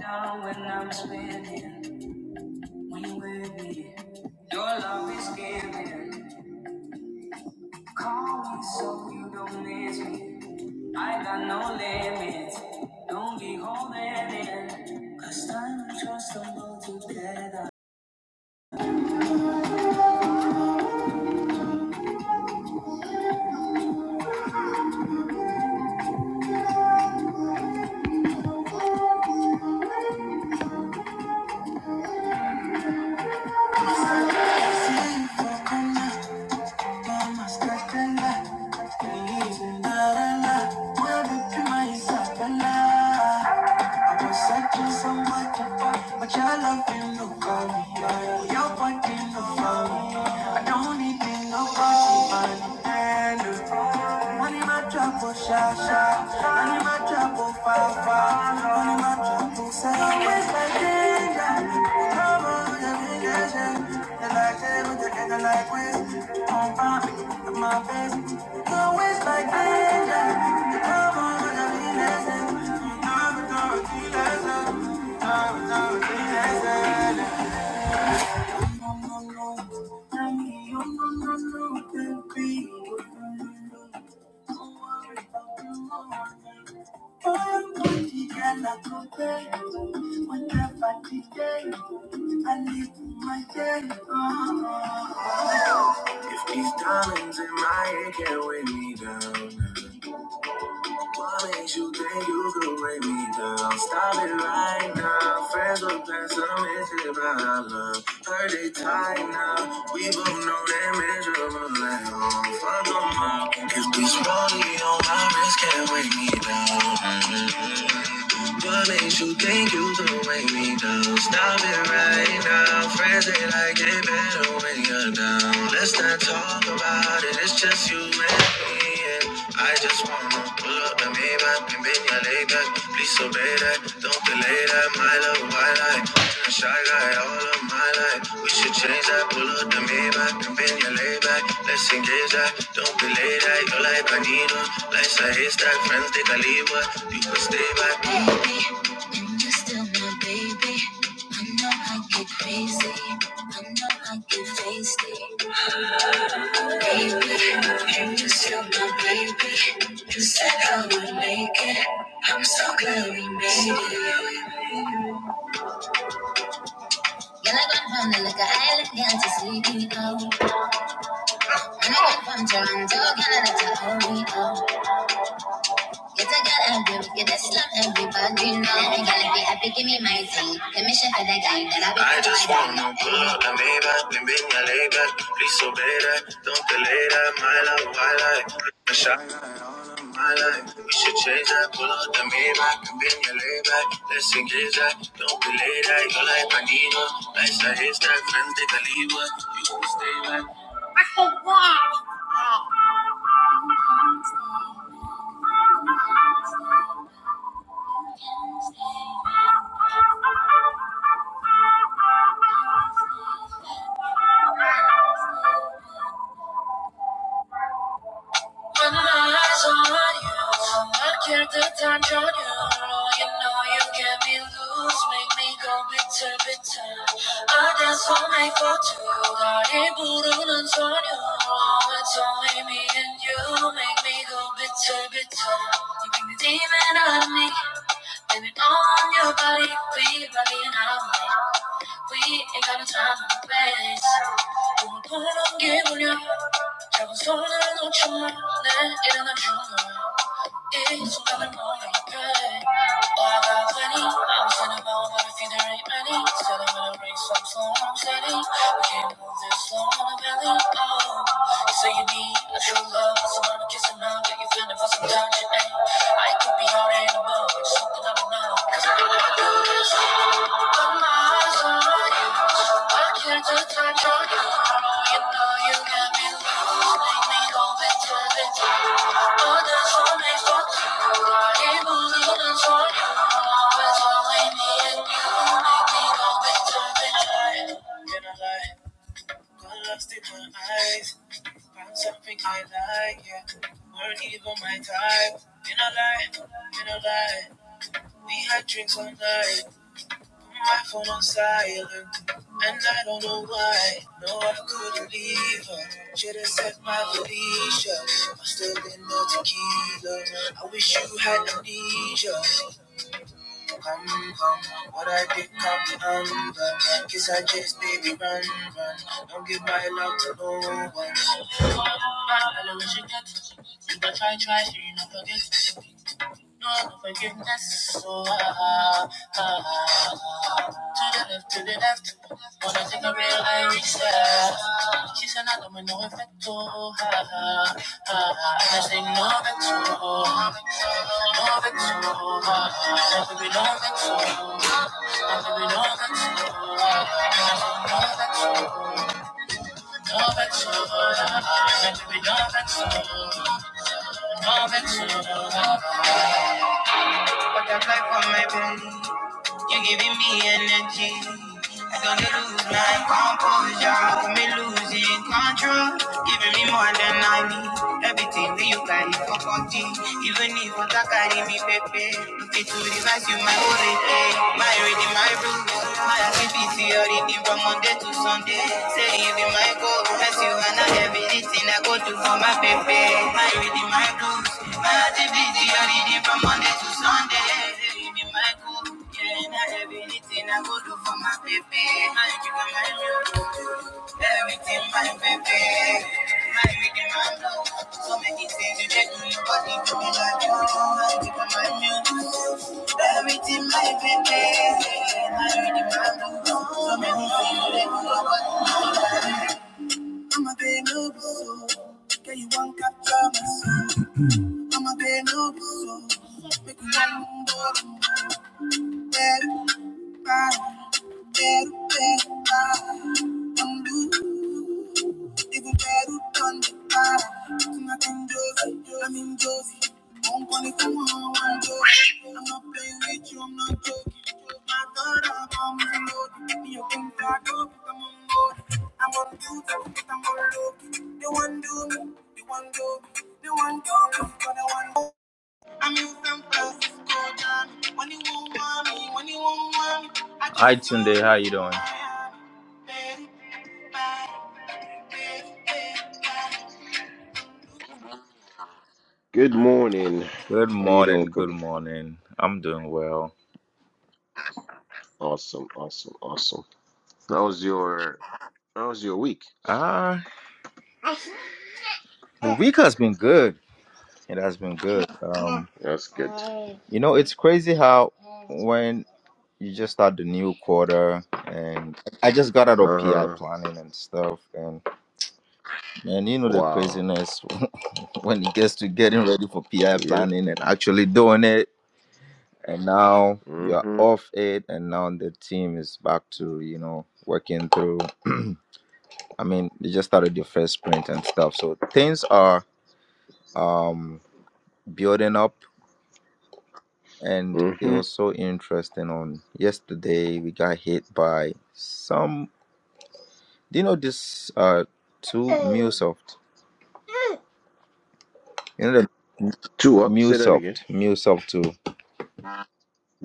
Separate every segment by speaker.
Speaker 1: Down when I'm spinning, when you are with me, your love is giving. Call me so you don't miss me. I got no limits, don't be holding in. Cause time and trust don't go together. I But your love ain't no me, yeah. Your body no me. I don't need nobody, but I'm Money my trouble, sha sha. Thank you. If these diamonds in my head can't weigh me down, what makes you think you could break me down? Stop it right now. Friends with pessimistic about love. Heard they tight now. We both know they're miserable at home. Fuck them all. If this money on my wrist can't break me down. What makes you think you could break me down? Stop it right now. Friends they like it better when you're down. Let's not talk about it. It's just you and me. Yeah head. I just wanna pull up and Maybach and bend your leg back. Please obey that, don't delay that. My love, white light, been a shy guy all of my life. We should change that. Pull up the Maybach and bend your leg back. Let's engage that, don't delay that. You're like a needle, life's a haystack. Friends they can leave, but you can stay back. Baby, and you are still my baby. I know I get crazy. I know I get feisty. Baby, you just took my baby. You said I would make it. I'm so glad we made it. Girl, I got from the liquor island, girl, to sleepy, oh. And I got from Toronto, Canada to Oreo. oh. Get a girl every, get a slum, everybody know. Every girl, if you happy, give me my thing. let me show for the guy that I be I just wanna pull up the Maybach, then bring your lay back. Please obey that, don't delay that. My love, my life. We should change that. Pull out the Maybach and bend your lay back. Let's engage that. Don't be late. I you like Panino. Nice I hate that. Friends take a leave. but You won't stay back. I hate that. When my eyes are on you, I care the time on you. You know you get me loose, make me go bitter, bitter. I dance all night for two, 다리 부르는 소녀. It's only me and you, make me go bitter, bitter. You bring the demon out of me, blame it on your body, baby, body and I'm late. We ain't got no time to waste. 이게 울려 작은 손을 마. 내 일어난 중요해 이 순간을 몰입해 화가 되니 I'm standing by but I feel there ain't many Said I'm gonna bring some slow and I'm steady We can't move this slow on a belly Oh You say you need a true love Someone to kiss and now that you feeling for some touch it ain't I could be out in the mud Just something I don't know Cause I know I do this Eyes, found something I like, yeah. Weren't even my type. In lie, lie, we had drinks all night. My phone on silent, and I don't know why. No, I couldn't leave her. Should've set my Felicia. Must have been no tequila. I wish you had amnesia. Come, come, what I did come to under. Kiss I just baby run, run. Don't give my love to no one. Man, I know what you get. If I try, try, so you not forget. No forgiveness. So, ah, ah, ah. To the left, to the left. When I think I real reached out. She said, I don't want no effect. Oh, ah, ah, ah. And I say, no effect. Oh, no effect. Oh, ah, ah. There will be no effect. Oh, there will be no effect. Oh, ah, ah. No effect. Oh, no effect. Oh, ah, ah. There will be no effect. Oh, no effect. Oh, ah, ah. What I fight for my belly, you're giving me energy. I don't lose my composure, got me losing control, giving me more than I need. Everything that you carry for forty, even if what I carry me baby, Looking to revise you my whole day, my reading my rules, my activity already from Monday to Sunday. Say you be my goal, as you and I everything I go to for my baby. My reading my rules. Imagine from Monday to Sunday. Hey, me my cool, yeah, now everything I go do for my baby. My chicken, my milk, everything my baby. My baby, my love, so many things. My baby, you want one day,
Speaker 2: Good morning.
Speaker 1: Good
Speaker 2: How you
Speaker 1: morning.
Speaker 2: doing,
Speaker 1: Good
Speaker 2: Kobe?
Speaker 1: morning. I'm doing well.
Speaker 2: Awesome, awesome, awesome. How was your How was your week?
Speaker 1: Ah, the week has been good. It has been good. Um,
Speaker 2: That's good.
Speaker 1: You know, it's crazy how when you just start the new quarter and I just got out of PI
Speaker 2: Uh-huh.
Speaker 1: planning and stuff and man, you know the
Speaker 2: Wow.
Speaker 1: craziness when it gets to getting ready for PI
Speaker 2: Yep.
Speaker 1: planning and actually doing it and now you're
Speaker 2: Mm-hmm.
Speaker 1: off it and now the team is back to, you know, working through I mean, they just started the first sprint and stuff. So things are um building up and it
Speaker 2: Mm-hmm.
Speaker 1: was so interesting. On yesterday, we got hit by some. Do you know this? Uh, two MuleSoft. You know the
Speaker 2: Two up. Say that again.
Speaker 1: MuleSoft, MuleSoft two.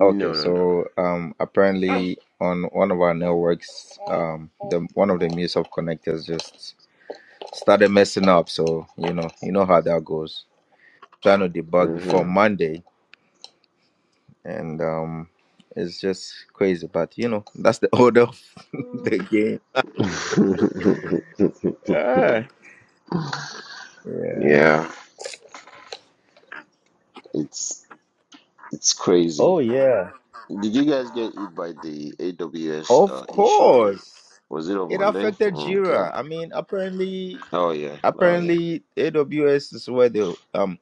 Speaker 1: Okay,
Speaker 2: no, no,
Speaker 1: so um, apparently on one of our networks, um, the one of the MuleSoft connectors just started messing up. So you know, you know how that goes. Trying to debug before
Speaker 2: no.
Speaker 1: Monday, and um, it's just crazy. But you know, that's the order of the game.
Speaker 2: Mm-hmm.
Speaker 1: Ah. Yeah.
Speaker 2: Yeah. It's it's crazy.
Speaker 1: Oh yeah.
Speaker 2: Did you guys get hit by the AWS
Speaker 1: Of
Speaker 2: uh, issue on
Speaker 1: course.
Speaker 2: was it on
Speaker 1: It
Speaker 2: Monday?
Speaker 1: affected Jira.
Speaker 2: Okay.
Speaker 1: I mean, apparently
Speaker 2: Oh yeah. Oh yeah.
Speaker 1: apparently AWS is where they um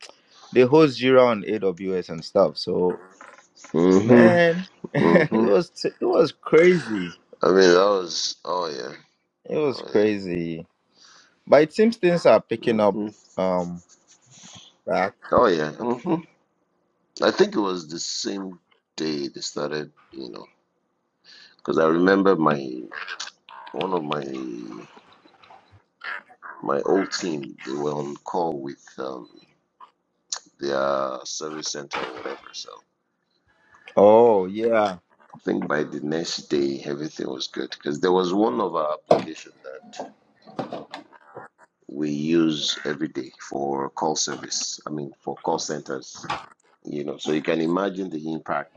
Speaker 1: they host Jira on AWS and stuff. So
Speaker 2: Mm-hmm.
Speaker 1: man,
Speaker 2: Mm-hmm.
Speaker 1: it was t- it was crazy.
Speaker 2: I mean that was oh yeah.
Speaker 1: It was
Speaker 2: Oh
Speaker 1: crazy. But it seems things are
Speaker 2: yeah.
Speaker 1: picking up
Speaker 2: hmm
Speaker 1: um back.
Speaker 2: Oh yeah. hmm I think it was the same day they started. You know, because I remember my one of my my old team. They were on call with um, their service center or whatever. So
Speaker 1: Oh yeah.
Speaker 2: I think by the next day everything was good because there was one of our application that we use every day for call service. I mean for call centers. You know, so you can imagine the impact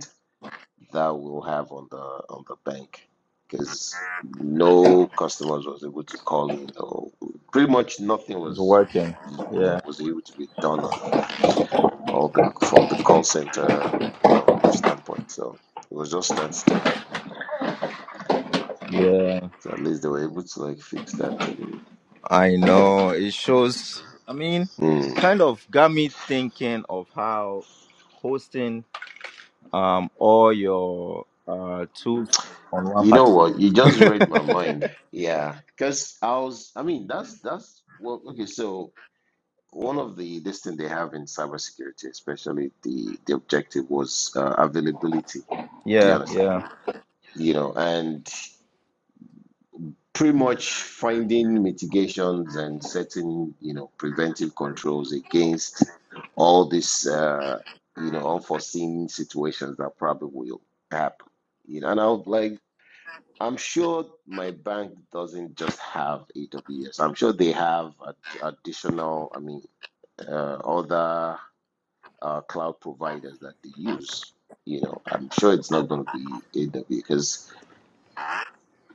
Speaker 2: that we'll have on the on the bank because no customers was able to call in or pretty much nothing
Speaker 1: It's
Speaker 2: was
Speaker 1: working.
Speaker 2: you know
Speaker 1: Yeah.
Speaker 2: was able to be done on all the from the call center um, standpoint so it was just standstill
Speaker 1: Yeah.
Speaker 2: so at least they were able to like fix that and
Speaker 1: I know it shows. I mean,
Speaker 2: Hmm.
Speaker 1: kind of got me thinking of how hosting um all your uh tools on one
Speaker 2: you
Speaker 1: part.
Speaker 2: know what you just read my mind yeah because i was i mean that's that's well okay so one of the this thing they have in cybersecurity, especially the the objective was uh, availability. Do you
Speaker 1: Yeah,
Speaker 2: understand?
Speaker 1: yeah,
Speaker 2: You know, and pretty much finding mitigations and setting you know preventive controls against all these uh, you know unforeseen situations that probably will happen. You know, and I would like. I'm sure my bank doesn't just have AWS. I'm sure they have ad- additional, I mean, uh, other uh, cloud providers that they use. You know, I'm sure it's not going to be AWS because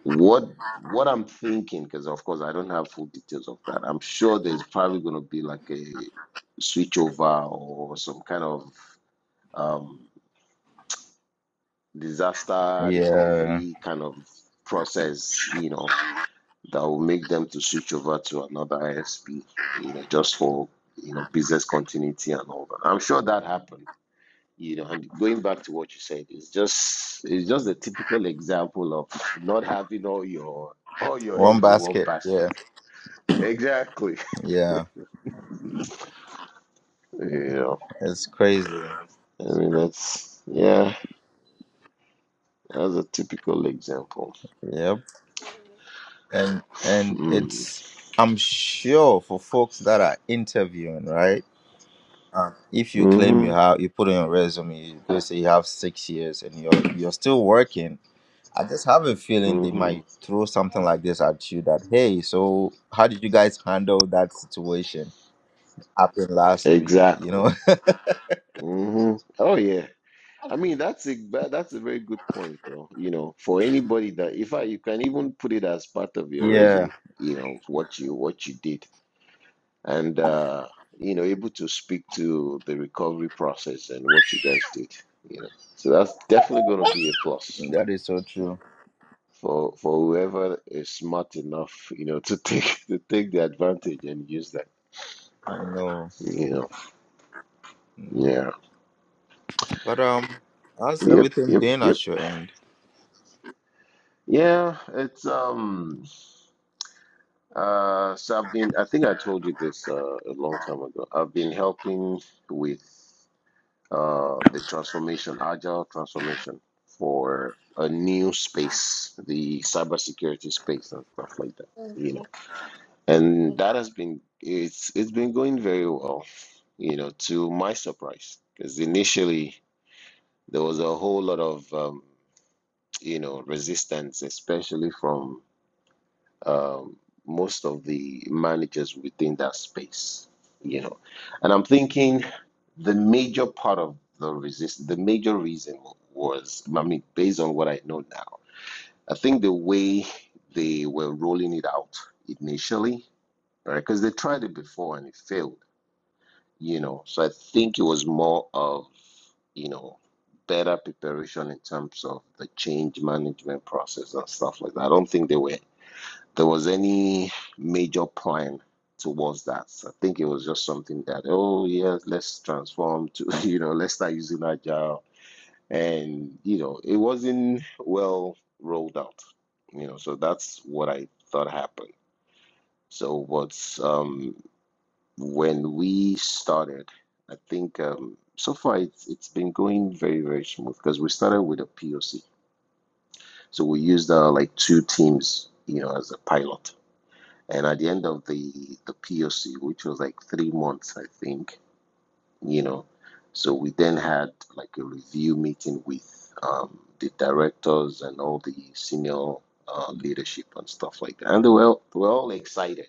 Speaker 2: what what I'm thinking, because of course I don't have full details of that. I'm sure there's probably going to be like a switchover or some kind of um, disaster
Speaker 1: yeah.
Speaker 2: recovery kind of process. You know, that will make them to switch over to another ISP. You know, just for you know business continuity and all that. I'm sure that happened you know and going back to what you said it's just it's just a typical example of not having all your all your
Speaker 1: One
Speaker 2: eggs in one
Speaker 1: basket.
Speaker 2: basket
Speaker 1: Yeah,
Speaker 2: exactly
Speaker 1: yeah.
Speaker 2: you know
Speaker 1: It's crazy.
Speaker 2: i mean that's yeah that's a typical example
Speaker 1: Yep. And and
Speaker 2: mm.
Speaker 1: it's I'm sure for folks that are interviewing, right? Uh, if you claim you
Speaker 2: mm-hmm
Speaker 1: have, you put on your resume, you say you have six years and you're you're still working I just have a feeling they
Speaker 2: mm-hmm
Speaker 1: might throw something like this at you that, hey, so how did you guys handle that situation happened last week? You know?
Speaker 2: exactly mm-hmm oh yeah I mean that's a that- that's a very good point though you know for anybody that if I you can even put it as part of your
Speaker 1: yeah,
Speaker 2: resume you know what you what you did and uh, you know able to speak to the recovery process and what you guys did you know so that's definitely going to be a plus
Speaker 1: that is so true.
Speaker 2: for for whoever is smart enough you know to take to take the advantage and use that
Speaker 1: I know.
Speaker 2: you know
Speaker 1: Mm.
Speaker 2: yeah
Speaker 1: But um, how's
Speaker 2: yep
Speaker 1: everything
Speaker 2: yep
Speaker 1: been
Speaker 2: yep
Speaker 1: at your end?
Speaker 2: yeah it's um uh so i've been i think i told you this uh, a long time ago i've been helping with uh, the transformation, agile transformation for a new space, the cybersecurity space and stuff like that. You know, and that has been it's it's been going very well. You know, to my surprise, because initially there was a whole lot of um, you know resistance, especially from um, most of the managers within that space, you know. And I'm thinking the major part of the resist, the major reason was, I mean, based on what I know now, I think the way they were rolling it out initially, right? Because they tried it before and it failed, you know. So I think it was more of, you know, better preparation in terms of the change management process and stuff like that. I don't think they were there was any major plan towards that. So I think it was just something that, oh yeah, let's transform to, you know, let's start using agile. And, you know, it wasn't well rolled out. You know, so that's what I thought happened. So what's um when we started, I think um so far it's it's been going very, very smooth because we started with a POC. So we used uh, like two teams, you know, as a pilot And at the end of the the POC, which was like three months, I think, you know, so we then had like a review meeting with um, the directors and all the senior uh, leadership and stuff like that, and they were all- they were all excited,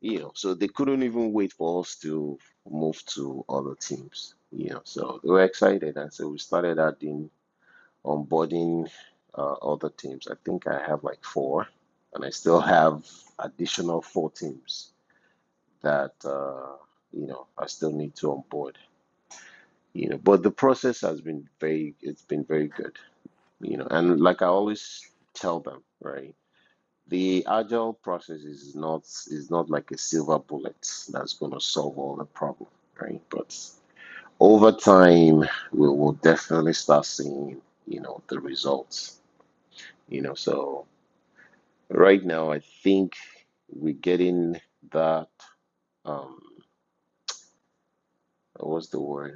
Speaker 2: you know, so they couldn't even wait for us to move to other teams, you know, so they were excited, and so we started adding onboarding uh, other teams. I think I have like four, and I still have additional four teams that uh, you know I still need to onboard. You know, but the process has been very it's been very good. You know, and like I always tell them, right? The agile process is not is not like a silver bullet that's going to solve all the problem, right? But over time, we will definitely start seeing you know the results. You know, so right now I think we're getting that. Um, what's the word?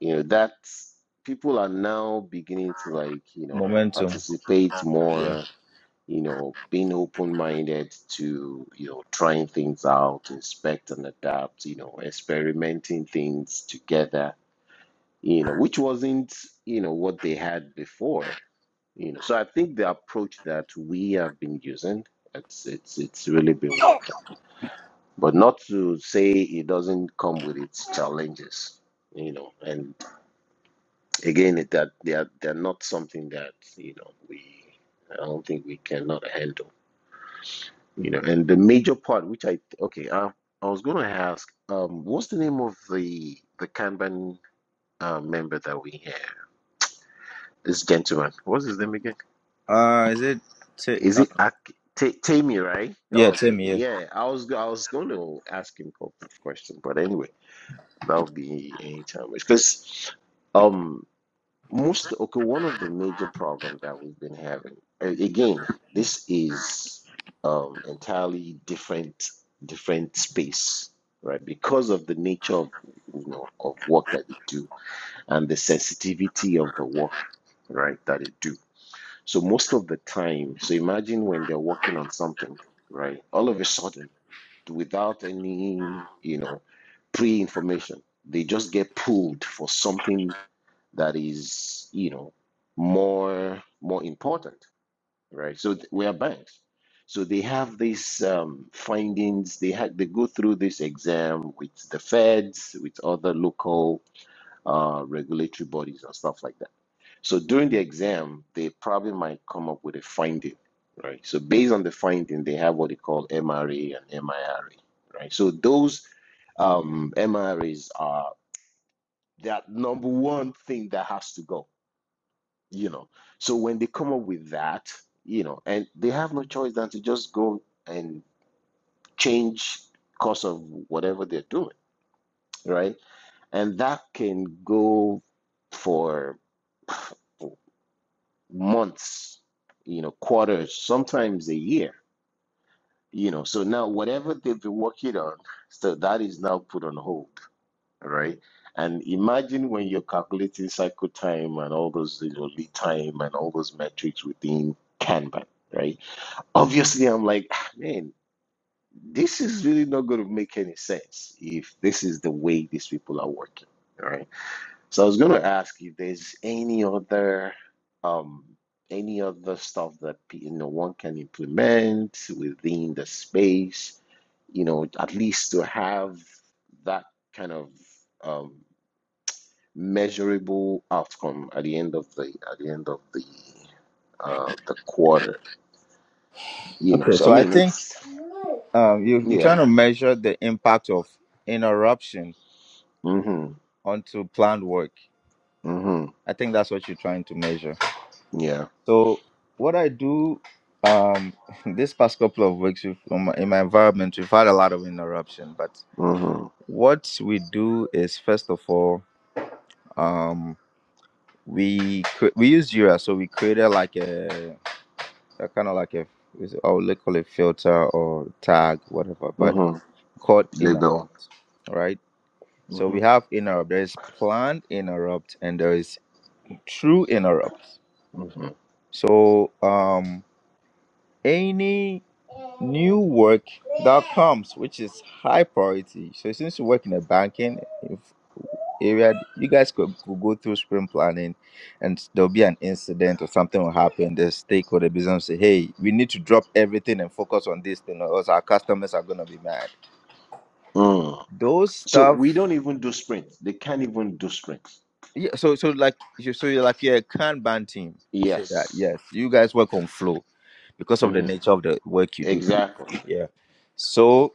Speaker 2: you know that people are now beginning to like you know
Speaker 1: Momentum.
Speaker 2: participate
Speaker 1: Yeah.
Speaker 2: more you know being open-minded to you know trying things out inspect and adapt you know experimenting things together you know which wasn't you know what they had before you know so i think the approach that we have been using it's it's it's really been working but not to say it doesn't come with its challenges you know and. again it- that they're they're not something that you know we I don't think we cannot handle you know and the major part which I okay I, I was gonna ask um what's the name of the the Kanban uh, member that we have this gentleman what's his name again
Speaker 1: Uh, is it? T-
Speaker 2: is
Speaker 1: uh,
Speaker 2: it Ak- Ta- Tammy right oh,
Speaker 1: yeah,
Speaker 2: okay
Speaker 1: Tim. Yeah.
Speaker 2: yeah I was I was going to ask him a couple of questions but anyway that'll be anytime because um most okay one of the major problems that we've been having a- again this is um entirely different different space right because of the nature of you know of work that you do and the sensitivity of the work right that you do so most of the time so imagine when they're working on something right all of a sudden without any you know pre-information they just get pulled for something that is you know more more important right so th- we are banks so they have these um, findings they had they go through this exam with the feds with other local uh, regulatory bodies and stuff like that so during the exam they probably might come up with a finding right so based on the finding they have what they call mra and mira right so those um, mras are that number one thing that has to go you know. So when they come up with that, you know, and they have no choice than to just go and change course of whatever they're doing, right? And that can go for months, you know, quarters, sometimes a year, you know. So now whatever they've been working on, so that is now put on hold, right? And imagine when you're calculating cycle time and all those you know, lead time and all those metrics within Kanban, right? obviously I'm like, "Ah, man, this is really not going to make any sense if this is the way these people are working. All right. So I was going to ask if there's any other, um, any other stuff that pe- you know one can implement within the space, you know, at least to have that kind of um, measurable outcome at the end of the at the end of the uh, the quarter, you know.
Speaker 1: Okay.
Speaker 2: So I
Speaker 1: So I
Speaker 2: mean,
Speaker 1: think
Speaker 2: it's
Speaker 1: um, you you're
Speaker 2: yeah.
Speaker 1: trying to measure the impact of interruption
Speaker 2: mm-hmm.
Speaker 1: onto planned work.
Speaker 2: Mm-hmm.
Speaker 1: I think that's what you're trying to measure.
Speaker 2: Yeah.
Speaker 1: So what I do um this past couple of weeks with- on my- in my environment we've had a lot of interruption, but
Speaker 2: Mm-hmm.
Speaker 1: what we do is first of all um we cre- we use Jira, so we created like a, a kind of like a is- I would call it filter or tag whatever, but
Speaker 2: Mm-hmm.
Speaker 1: called
Speaker 2: They don't.
Speaker 1: interrupt, all right? So
Speaker 2: Mm-hmm.
Speaker 1: we have interrupt. There is planned interrupt and there is true interrupt.
Speaker 2: Mm-hmm.
Speaker 1: So um any new work that comes, which is high priority. So since you work in a banking if area, you guys could, could go through sprint planning, and there'll be an incident or something will happen. The stakeholder business say, "Hey, we need to drop everything and focus on this thing, or else our customers are gonna be mad."
Speaker 2: Mm.
Speaker 1: Those
Speaker 2: So
Speaker 1: stuff.
Speaker 2: we don't even do sprints. They can't even do sprints.
Speaker 1: Yeah. So so like you so you're like you're a Kanban team. Say that.
Speaker 2: Yes.
Speaker 1: Yes, you guys work on flow because of the
Speaker 2: Mm-hmm.
Speaker 1: nature of the work you do.
Speaker 2: Exactly.
Speaker 1: Yeah. So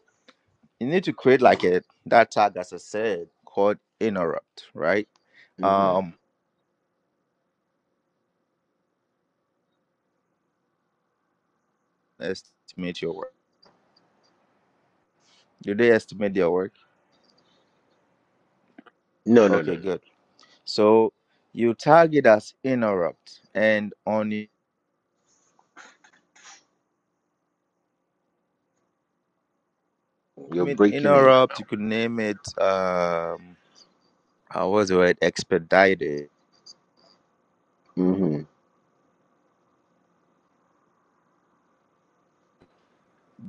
Speaker 1: you need to create like a that tag as I said called interrupt, right?
Speaker 2: Mm-hmm.
Speaker 1: Um estimate your work. Do they estimate their work?
Speaker 2: No, no, no,
Speaker 1: Okay,
Speaker 2: no.
Speaker 1: good. So you tag it as interrupt and on the
Speaker 2: You're
Speaker 1: name it
Speaker 2: breaking in and
Speaker 1: interrupt you
Speaker 2: out.
Speaker 1: could name it um uh, what's the word expedited
Speaker 2: Mm-hmm.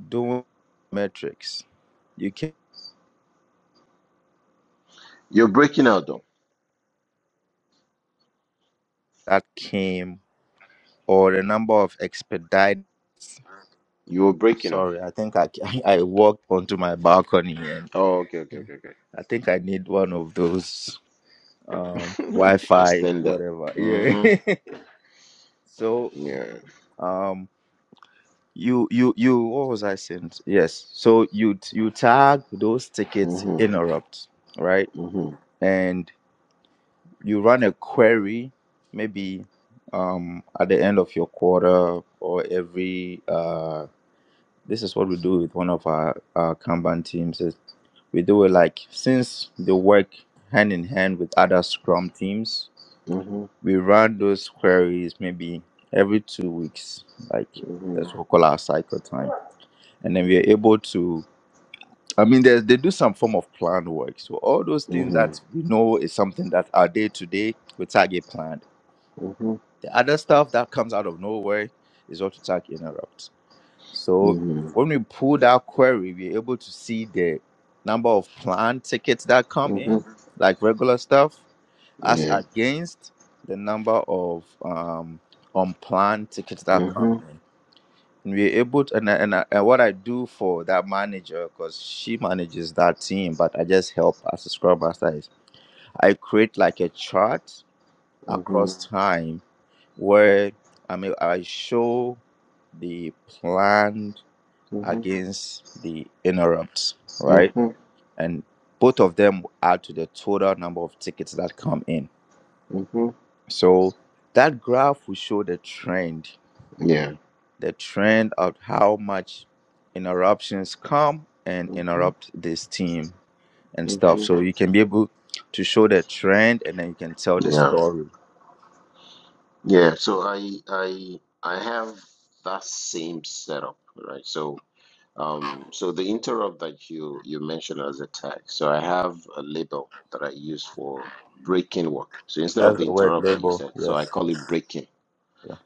Speaker 1: doing metrics. You can
Speaker 2: You're breaking out though.
Speaker 1: that came or the number of expedited
Speaker 2: You were breaking out.
Speaker 1: sorry, I think I I walked onto my balcony and
Speaker 2: Oh, okay, okay, okay,
Speaker 1: I think I need one of those um
Speaker 2: okay.
Speaker 1: wi-fi
Speaker 2: Extend that.
Speaker 1: whatever yeah
Speaker 2: Mm-hmm.
Speaker 1: so
Speaker 2: Yeah.
Speaker 1: um you you you what was i saying yes so you you tag those tickets
Speaker 2: Mm-hmm.
Speaker 1: interrupt right
Speaker 2: Mm-hmm.
Speaker 1: and you run a query maybe um at the end of your quarter or every uh this is what we do with one of our, our kanban teams is we do it like since they work hand in hand with other scrum teams
Speaker 2: Mm-hmm.
Speaker 1: we run those queries maybe every two weeks like
Speaker 2: Mm-hmm.
Speaker 1: that's what we call our cycle time and then we are able to i mean there's, they do some form of plan work so all those things that
Speaker 2: Mm-hmm.
Speaker 1: we know is something that our day to day we target planned the other stuff that comes out of nowhere is what we target interrupt so
Speaker 2: Mm-hmm.
Speaker 1: when we pull that query we're able to see the number of planned tickets that come in
Speaker 2: Mm-hmm.
Speaker 1: like regular stuff as
Speaker 2: Yeah.
Speaker 1: against the number of um, unplanned tickets that come
Speaker 2: Mm-hmm.
Speaker 1: in. And we're able to, and, I- and, I- and what I do for that manager, because she manages that team, but I just help as a scrum master, is I create like a chart
Speaker 2: Mm-hmm.
Speaker 1: across Mhm. time where I mean, I show the planned
Speaker 2: Mm-hmm.
Speaker 1: against the interrupts, right?
Speaker 2: Mm-hmm.
Speaker 1: And both of them add to the total number of tickets that come in
Speaker 2: Mm-hmm.
Speaker 1: So that graph will show the trend,
Speaker 2: Yeah.
Speaker 1: the trend of how much interruptions come and
Speaker 2: Mm-hmm.
Speaker 1: interrupt this team and stuff.
Speaker 2: Mm-hmm.
Speaker 1: So you can be able to show the trend and then you can tell the
Speaker 2: Yeah.
Speaker 1: story.
Speaker 2: Yeah. So I I I have that same setup, right? So um so the interrupt that you you mentioned as a tag. So I have a label that I use for breaking work. So instead of
Speaker 1: That's
Speaker 2: the
Speaker 1: the word
Speaker 2: interrupt that you
Speaker 1: label.
Speaker 2: said, so I
Speaker 1: Yes.
Speaker 2: call it breaking.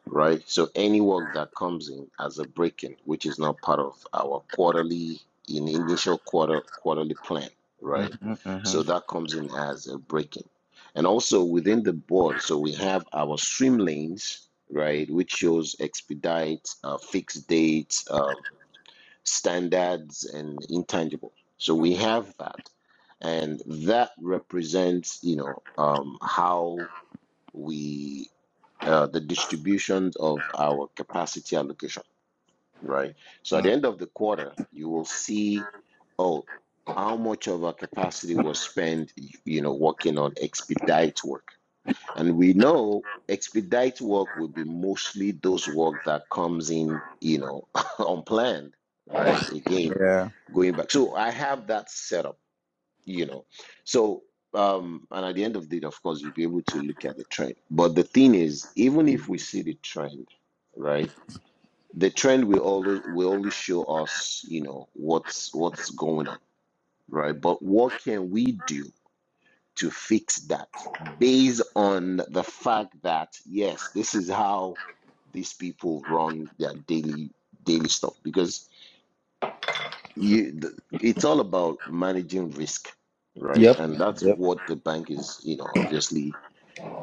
Speaker 2: right? So any work that comes in as a break-in, which is not part of our quarterly in initial quarter quarterly plan, right?
Speaker 1: Mm-hmm,
Speaker 2: So
Speaker 1: mm-hmm.
Speaker 2: that comes in as a break-in. And also within the board, so we have our swim lanes, right, which shows expedites, uh, fixed dates, um, standards, and intangible. So we have that, and that represents, you know, um, how we uh, the distribution of our capacity allocation, right? So at the end of the quarter, you will see, oh, how much of our capacity was spent, you know, working on expedite work. And we know expedite work will be mostly those work that comes in, you know, unplanned, right? Again,
Speaker 1: Yeah.
Speaker 2: going back. So I have that set up you know so um and at the end of the day of course you'll be able to look at the trend but the thing is even if we see the trend right the trend will always will only show us you know what's what's going on right but what can we do to fix that based on the fact that yes this is how these people run their daily daily stuff because you th- it's all about managing risk right
Speaker 1: Yep.
Speaker 2: and that's
Speaker 1: Yep.
Speaker 2: what the bank is you know obviously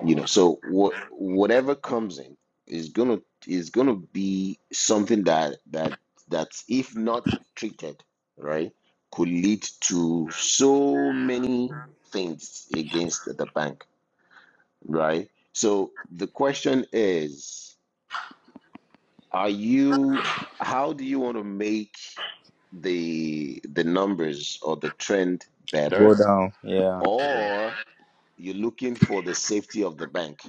Speaker 2: you know so what whatever comes in is gonna is gonna be something that that that's if not treated right could lead to so many things against the bank right so the question is are you how do you want to make the the numbers or the trend better
Speaker 1: Go down. Yeah.
Speaker 2: or you're looking for the safety of the bank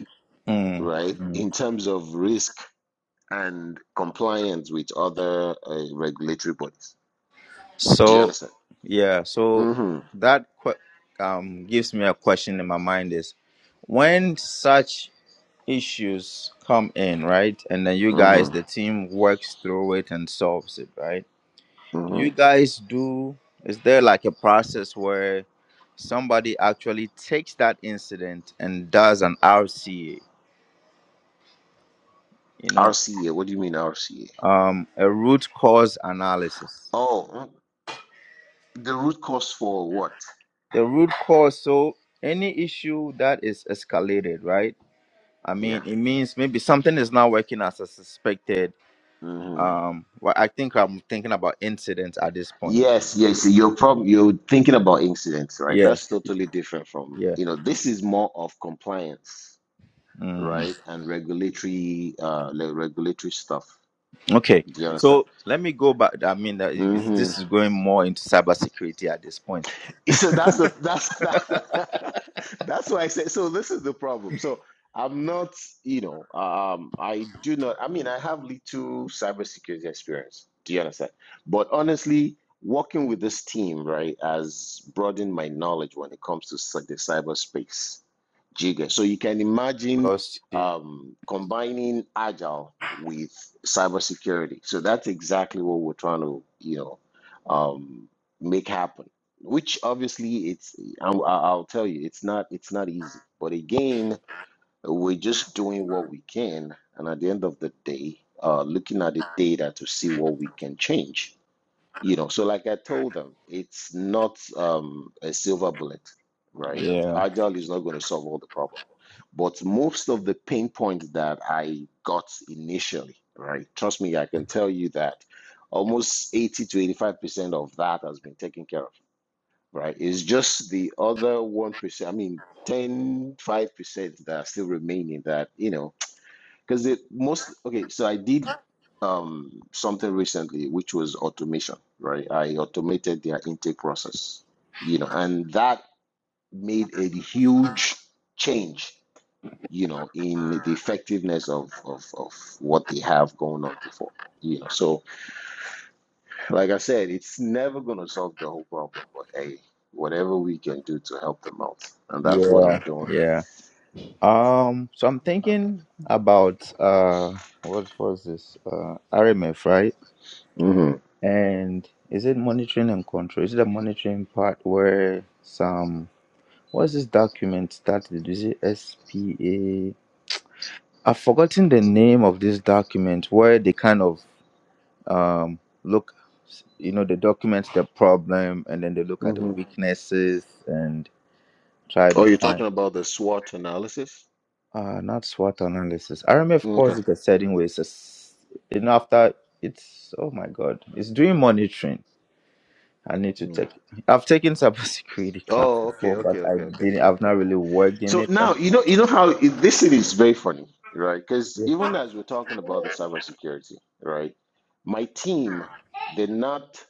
Speaker 1: Mm,
Speaker 2: right
Speaker 1: mm.
Speaker 2: in terms of risk and compliance with other uh, regulatory bodies do you
Speaker 1: So,
Speaker 2: understand
Speaker 1: yeah. So
Speaker 2: mm-hmm,
Speaker 1: that que- um gives me a question in my mind is when such issues come in, right? And then you guys, the
Speaker 2: mm-hmm,
Speaker 1: team works through it and solves it, right? You
Speaker 2: mm-hmm.
Speaker 1: guys do, is there like a process where somebody actually takes that incident and does an RCA, you know,
Speaker 2: rca what do you mean rca
Speaker 1: um, a root cause analysis?
Speaker 2: oh mm, the root cause for what
Speaker 1: The root cause, so any issue that is escalated, right? I mean,
Speaker 2: yeah
Speaker 1: it means maybe something is not working as I suspected.
Speaker 2: Mm-hmm.
Speaker 1: Um, well, I think I'm thinking about incidents at this point.
Speaker 2: Yes, yes. You're probably you're thinking about incidents, right?
Speaker 1: Yeah.
Speaker 2: That's totally different from,
Speaker 1: Yeah.
Speaker 2: you know, this is more of compliance
Speaker 1: Mm.
Speaker 2: right? And regulatory, uh, like regulatory stuff.
Speaker 1: Okay.
Speaker 2: Do you understand?
Speaker 1: So let me go back. I mean, that is-
Speaker 2: Mhm.
Speaker 1: this is going more into cybersecurity at this point.
Speaker 2: So that's the that's that, that's why I said. So this is the problem. So I'm not, you know, um, I do not. I mean, I have little cybersecurity experience. Do you understand? But honestly, working with this team, right, has broadened my knowledge when it comes to cy- the cyberspace. Jigga. So you can imagine
Speaker 1: Lost
Speaker 2: um, combining agile with cybersecurity. So that's exactly what we're trying to, you know, um, make happen which obviously it's I'll, I'll I'll tell you it's not it's not easy but again we're just doing what we can and at the end of the day uh looking at the data to see what we can change you know so like i told them it's not um a silver bullet right
Speaker 1: Yeah.
Speaker 2: agile is not going to solve all the problem but most of the pain points that i got initially right trust me i can tell you that almost 80 to 85 percent of that has been taken care of right? It's just the other 1%, I mean, ten five percent that are still remaining that, you know, because the most, okay, so I did um, something recently, which was automation, right? I automated their intake process, you know, and that made a huge change, you know, in the effectiveness of, of, of what they have going on before, you know, so. Like I said, it's never going to solve the whole problem, but hey, whatever we can do to help them out. And that's what I'm
Speaker 1: Yeah.
Speaker 2: doing.
Speaker 1: Yeah. Um. So I'm thinking about uh, what was this? Uh, RMF, right?
Speaker 2: hmm
Speaker 1: And is it monitoring and control? Is it the monitoring part where some what's this document started? Is it SPA? I've forgotten the name of this document where they kind of um, look, you know, they document the problem and then they look at the
Speaker 2: hmm
Speaker 1: weaknesses and try
Speaker 2: Oh,
Speaker 1: to
Speaker 2: you're
Speaker 1: find.
Speaker 2: talking about the SWOT analysis?
Speaker 1: Uh, not SWOT analysis. RMF
Speaker 2: Okay.
Speaker 1: calls it a setting way. It's a, s- you know, after it's, oh my God, it's doing monitoring. I need to
Speaker 2: Mm.
Speaker 1: take, I've taken cybersecurity class
Speaker 2: Oh, okay,
Speaker 1: before,
Speaker 2: okay,
Speaker 1: but I
Speaker 2: okay, okay,
Speaker 1: didn't,
Speaker 2: okay,
Speaker 1: I've
Speaker 2: okay.
Speaker 1: not really worked in
Speaker 2: So
Speaker 1: it.
Speaker 2: now
Speaker 1: But
Speaker 2: you know you know how it, this thing is very funny, right? Because
Speaker 1: yeah,
Speaker 2: even as we're talking about the cybersecurity, right? My team, they're not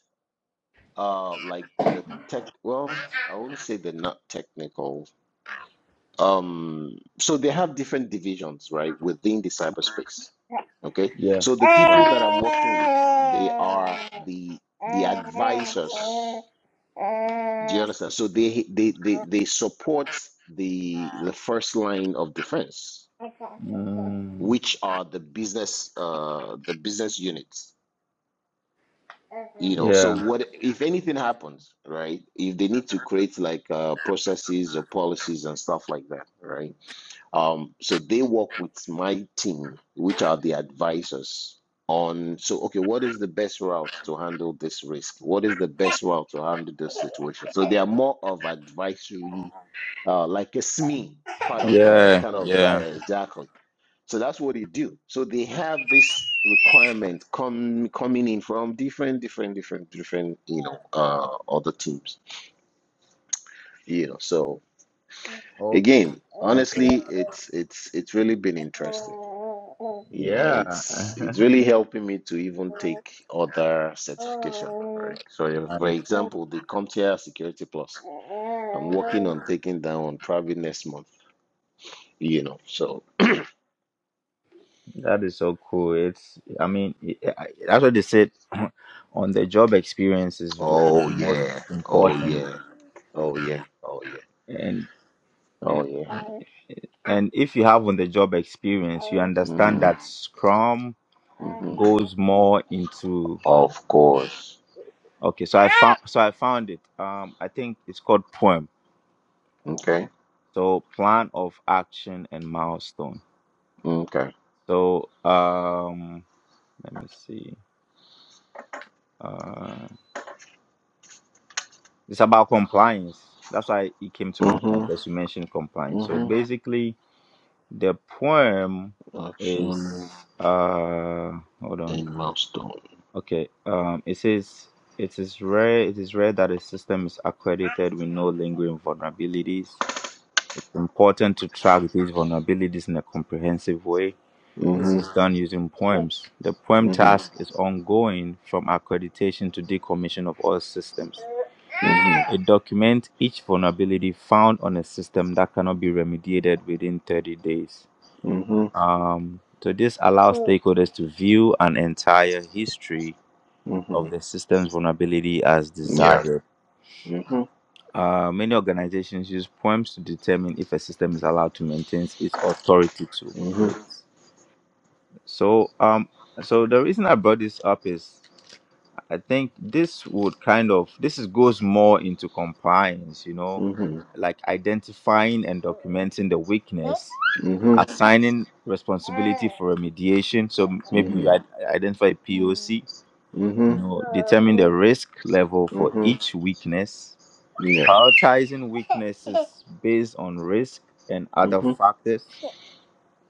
Speaker 2: uh like the tech. Well, I want to say they're not technical Um, so they have different divisions, right, within the cyberspace. Okay.
Speaker 1: yeah,
Speaker 2: So the people
Speaker 1: yeah,
Speaker 2: that I'm working with, they are the the advisors. Do you understand? So they they they, they support the the first line of defense,
Speaker 1: Mm,
Speaker 2: which are the business uh the business units. You know, so
Speaker 1: yeah,
Speaker 2: what if anything happens, right? If they need to create like uh, processes or policies and stuff like that, right? Um, so they work with my team, which are the advisors on, so, okay, what is the best route to handle this risk? What is the best route to handle this situation? So they are more of advisory, uh, like a SME part of, uh,
Speaker 1: yeah,
Speaker 2: kind of, uh,
Speaker 1: yeah.
Speaker 2: exactly. So that's what they do. So they have this requirement come coming in from different, different, different, different, you know, uh, other teams, you know, so
Speaker 1: Okay,
Speaker 2: again, honestly,
Speaker 1: okay.
Speaker 2: it's, it's, it's really been interesting. you know, and it's
Speaker 1: Yeah.
Speaker 2: it's really helping me to even take other certification,
Speaker 1: Nice.
Speaker 2: right? So, if, for example, the CompTIA Security Plus, I'm working on taking that one probably next month, you know. So,
Speaker 1: That is so cool. It's, I mean, it, I- that's what they said on the job experience is v-
Speaker 2: oh
Speaker 1: is most
Speaker 2: yeah, oh
Speaker 1: important.
Speaker 2: yeah, oh yeah, oh yeah,
Speaker 1: And
Speaker 2: oh
Speaker 1: and
Speaker 2: yeah.
Speaker 1: and if you have on the job experience, you understand
Speaker 2: hmm
Speaker 1: that Scrum
Speaker 2: hmm
Speaker 1: goes more into.
Speaker 2: Of course.
Speaker 1: Okay, so I found so I found it. Um, I think it's called Poem.
Speaker 2: Okay.
Speaker 1: So plan of action and milestone.
Speaker 2: Okay.
Speaker 1: So um, let me see. Uh, It's about compliance. That's why it came to my mind
Speaker 2: hmm
Speaker 1: because you mentioned compliance. So
Speaker 2: hmm
Speaker 1: basically, the poem is
Speaker 2: Action
Speaker 1: uh hold on.
Speaker 2: and milestone.
Speaker 1: Okay. Um it says it is rare it is rare that a system is accredited with no lingering vulnerabilities. It's important to track these vulnerabilities in a comprehensive way. This
Speaker 2: hmm
Speaker 1: is done using poems. The poem
Speaker 2: hmm
Speaker 1: task is ongoing from accreditation to decommission of all systems.
Speaker 2: hmm
Speaker 1: It documents each vulnerability found on a system that cannot be remediated within 30 days.
Speaker 2: hmm
Speaker 1: Um, so, this allows Mm. stakeholders to view an entire history
Speaker 2: hmm
Speaker 1: of the system's vulnerability as
Speaker 2: Yeah.
Speaker 1: desired.
Speaker 2: hmm
Speaker 1: Uh, many organizations use poems to determine if a system is allowed to maintain its authority to
Speaker 2: hmm
Speaker 1: operate. So, um, so the reason I brought this up is I think this would kind of this is goes more into compliance, you know,
Speaker 2: Mm-hmm.
Speaker 1: like identifying and documenting the weakness,
Speaker 2: Mm-hmm.
Speaker 1: assigning responsibility for remediation. So m- maybe you
Speaker 2: Mm-hmm.
Speaker 1: ad- identify POC, you
Speaker 2: Mm-hmm.
Speaker 1: know, determine the risk level for
Speaker 2: Mm-hmm.
Speaker 1: each weakness,
Speaker 2: Yeah.
Speaker 1: prioritizing weaknesses based on risk and other
Speaker 2: Mm-hmm.
Speaker 1: factors,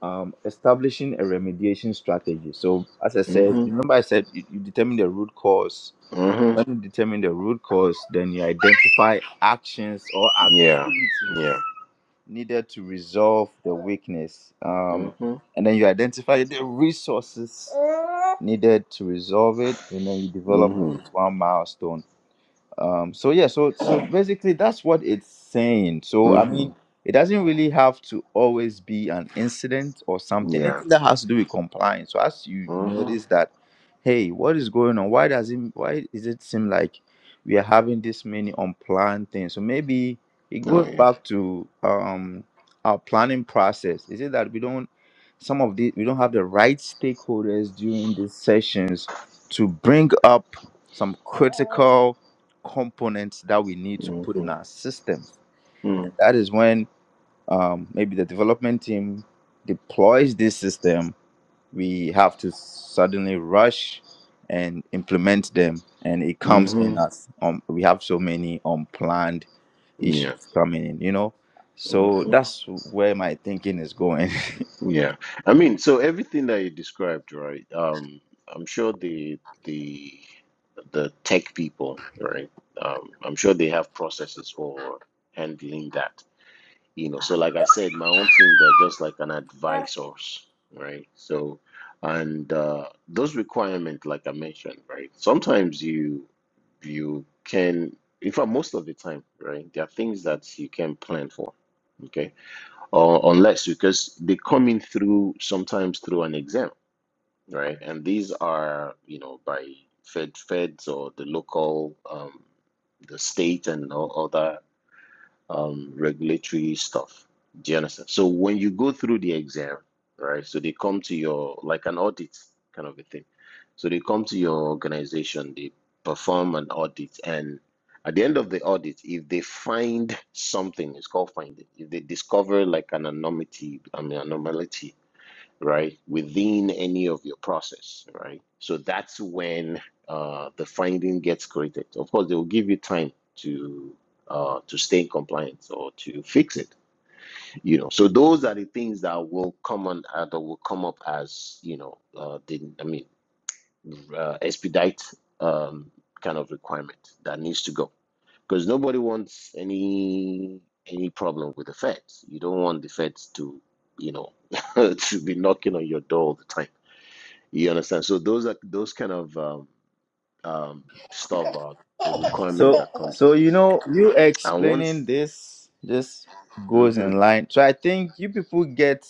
Speaker 1: um, establishing a remediation strategy. So as I said,
Speaker 2: Mm-hmm.
Speaker 1: remember I said you, you determine the root cause
Speaker 2: Mm-hmm.
Speaker 1: when you determine the root cause, then you identify actions or
Speaker 2: Yeah.
Speaker 1: activities
Speaker 2: Yeah.
Speaker 1: needed to resolve the weakness. Um,
Speaker 2: Mm-hmm.
Speaker 1: and then you identify the resources needed to resolve it, and then you develop at
Speaker 2: Mm-hmm.
Speaker 1: least one milestone um so yeah so so basically that's what it's saying so i mean
Speaker 2: Mm-hmm.
Speaker 1: it doesn't really have to always be an incident or something
Speaker 2: Yeah.
Speaker 1: anything that has to do with compliance so as you
Speaker 2: Mm-hmm.
Speaker 1: notice that hey what is going on why does it why is it seem like we are having this many unplanned things so maybe it
Speaker 2: Oh
Speaker 1: goes
Speaker 2: yeah.
Speaker 1: back to um our planning process is it that we don't some of the we don't have the right stakeholders during these sessions to bring up some critical components that we need to put in
Speaker 2: Mm-hmm.
Speaker 1: our systems. And
Speaker 2: Mm-hmm.
Speaker 1: that is when um, maybe the development team deploys this system, we have to suddenly rush and implement them. And it comes in
Speaker 2: Mm-hmm.
Speaker 1: as um, we have so many unplanned
Speaker 2: Yeah.
Speaker 1: issues coming in, you know. So
Speaker 2: Mm-hmm.
Speaker 1: that's where my thinking is going.
Speaker 2: Yeah. I mean, so everything that you described, right? Um, I'm sure the the the tech people, right? Um, I'm sure they have processes for handling that you know so like i said my own team they're just like an advisors right so and uh, those requirements like i mentioned right sometimes you you can in fact most of the time right there are things that you can plan for okay or unless because they come in through sometimes through an exam right and these are you know by fed feds or the local um, the state and all other um, regulatory stuff. Do you understand? So when you go through the exam, right? So they come to your like an audit kind of a thing. So they come to your organization, they perform an audit, and at the end of the audit, if they find something, it's called finding. If they discover like an anomaly, I mean anomaly, right, within any of your process, right? So that's when uh, the finding gets created. Of course, they will give you time to uh, to stay in compliance or to fix it, you know. So those are the things that will come on uh, that will come up as you know uh, the I mean uh, expedite um, kind of requirement that needs to go because nobody wants any any problem with the feds. You don't want the feds to you know to be knocking on your door all the time you understand? So those are those kind of um, um, stuff are the requirements
Speaker 1: So,
Speaker 2: that comes
Speaker 1: so you know, you
Speaker 2: in. And once,
Speaker 1: explaining this just goes
Speaker 2: hmm
Speaker 1: in line. So I think you people get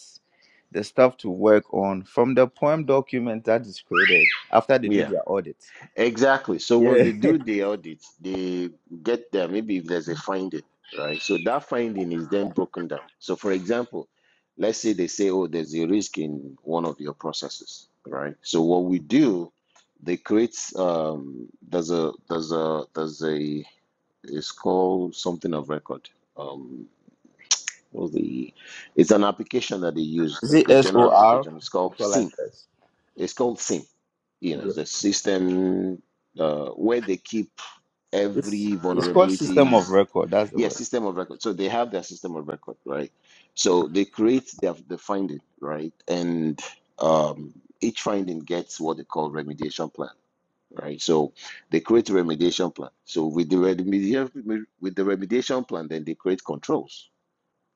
Speaker 1: the stuff to work on from the poem document that is created after they do
Speaker 2: yeah,
Speaker 1: their audit.
Speaker 2: exactly. So when
Speaker 1: Yeah,
Speaker 2: they do the audit, they get there. Maybe if there's a finding, right? So that finding is then broken down. So for example, let's say they say, oh, there's a risk in one of your processes, right? So what we do, they create um, there's a there's a there's a it's called something of record. Um, What's the? It's an application that they use,
Speaker 1: is
Speaker 2: like
Speaker 1: it
Speaker 2: the
Speaker 1: S
Speaker 2: general
Speaker 1: O R?
Speaker 2: application. It's
Speaker 1: They
Speaker 2: called
Speaker 1: call like
Speaker 2: SIM.
Speaker 1: this.
Speaker 2: It's called SIM. You know,
Speaker 1: Yeah.
Speaker 2: it's a system uh, where they keep
Speaker 1: It's
Speaker 2: every
Speaker 1: it's called system of
Speaker 2: vulnerabilities.
Speaker 1: record. That's the
Speaker 2: Yeah,
Speaker 1: word.
Speaker 2: system of record. So they have their system of record, right? So they create their the finding, right? And um, each finding gets what they call remediation plan, right? So they create a remediation plan. So with the remediation with the remediation plan, then they create controls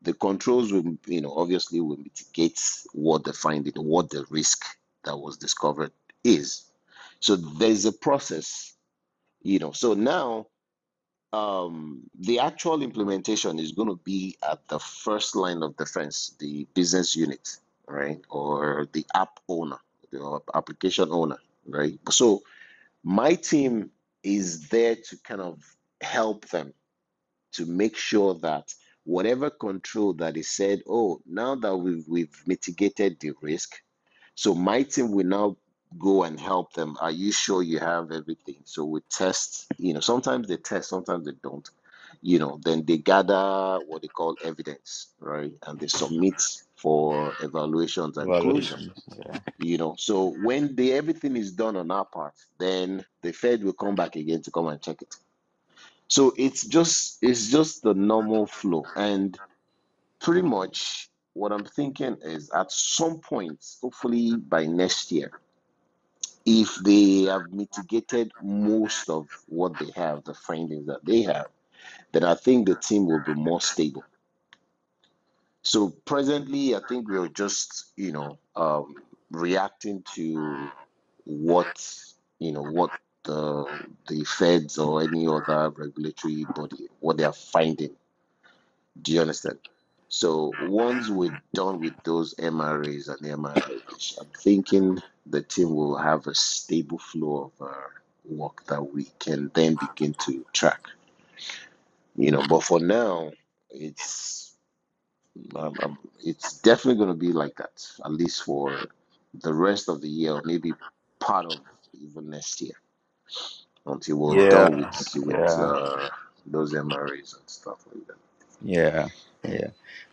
Speaker 2: the controls will, you know, obviously will mitigate what the finding, what the risk that was discovered is. So there's a process, you know. So now um, the actual implementation is going to be at the first line of defense, the business unit, right, or the app owner, the application owner, right. So my team is there to kind of help them to make sure that whatever control that is said, oh, now that we've, we've mitigated the risk, so my team will now go and help them. Are you sure you have everything? So we test, you know, sometimes they test, sometimes they don't. You know, then they gather what they call evidence, right? And they submit for evaluations and closure.
Speaker 1: Evaluation. Yeah,
Speaker 2: You know, so when the everything is done on our part, then the Fed will come back again to come and check it so it's just it's just the normal flow. And pretty much what I'm thinking is at some point, hopefully by next year, if they have mitigated most of what they have, the findings that they have, then I think the team will be more stable. So presently, I think we're just, you know, um, reacting to what, you know, what the the feds or any other regulatory body, what they are finding Do you understand? So once we're done with those MRAs and MRAs, I'm thinking the team will have a stable flow of uh, work that we can then begin to track. You know, but for now, it's um, um, it's definitely going to be like that, at least for the rest of the year, or maybe part of even next year, until we're done with with
Speaker 1: yeah,
Speaker 2: uh, those MRAs and stuff like
Speaker 1: yeah, yeah.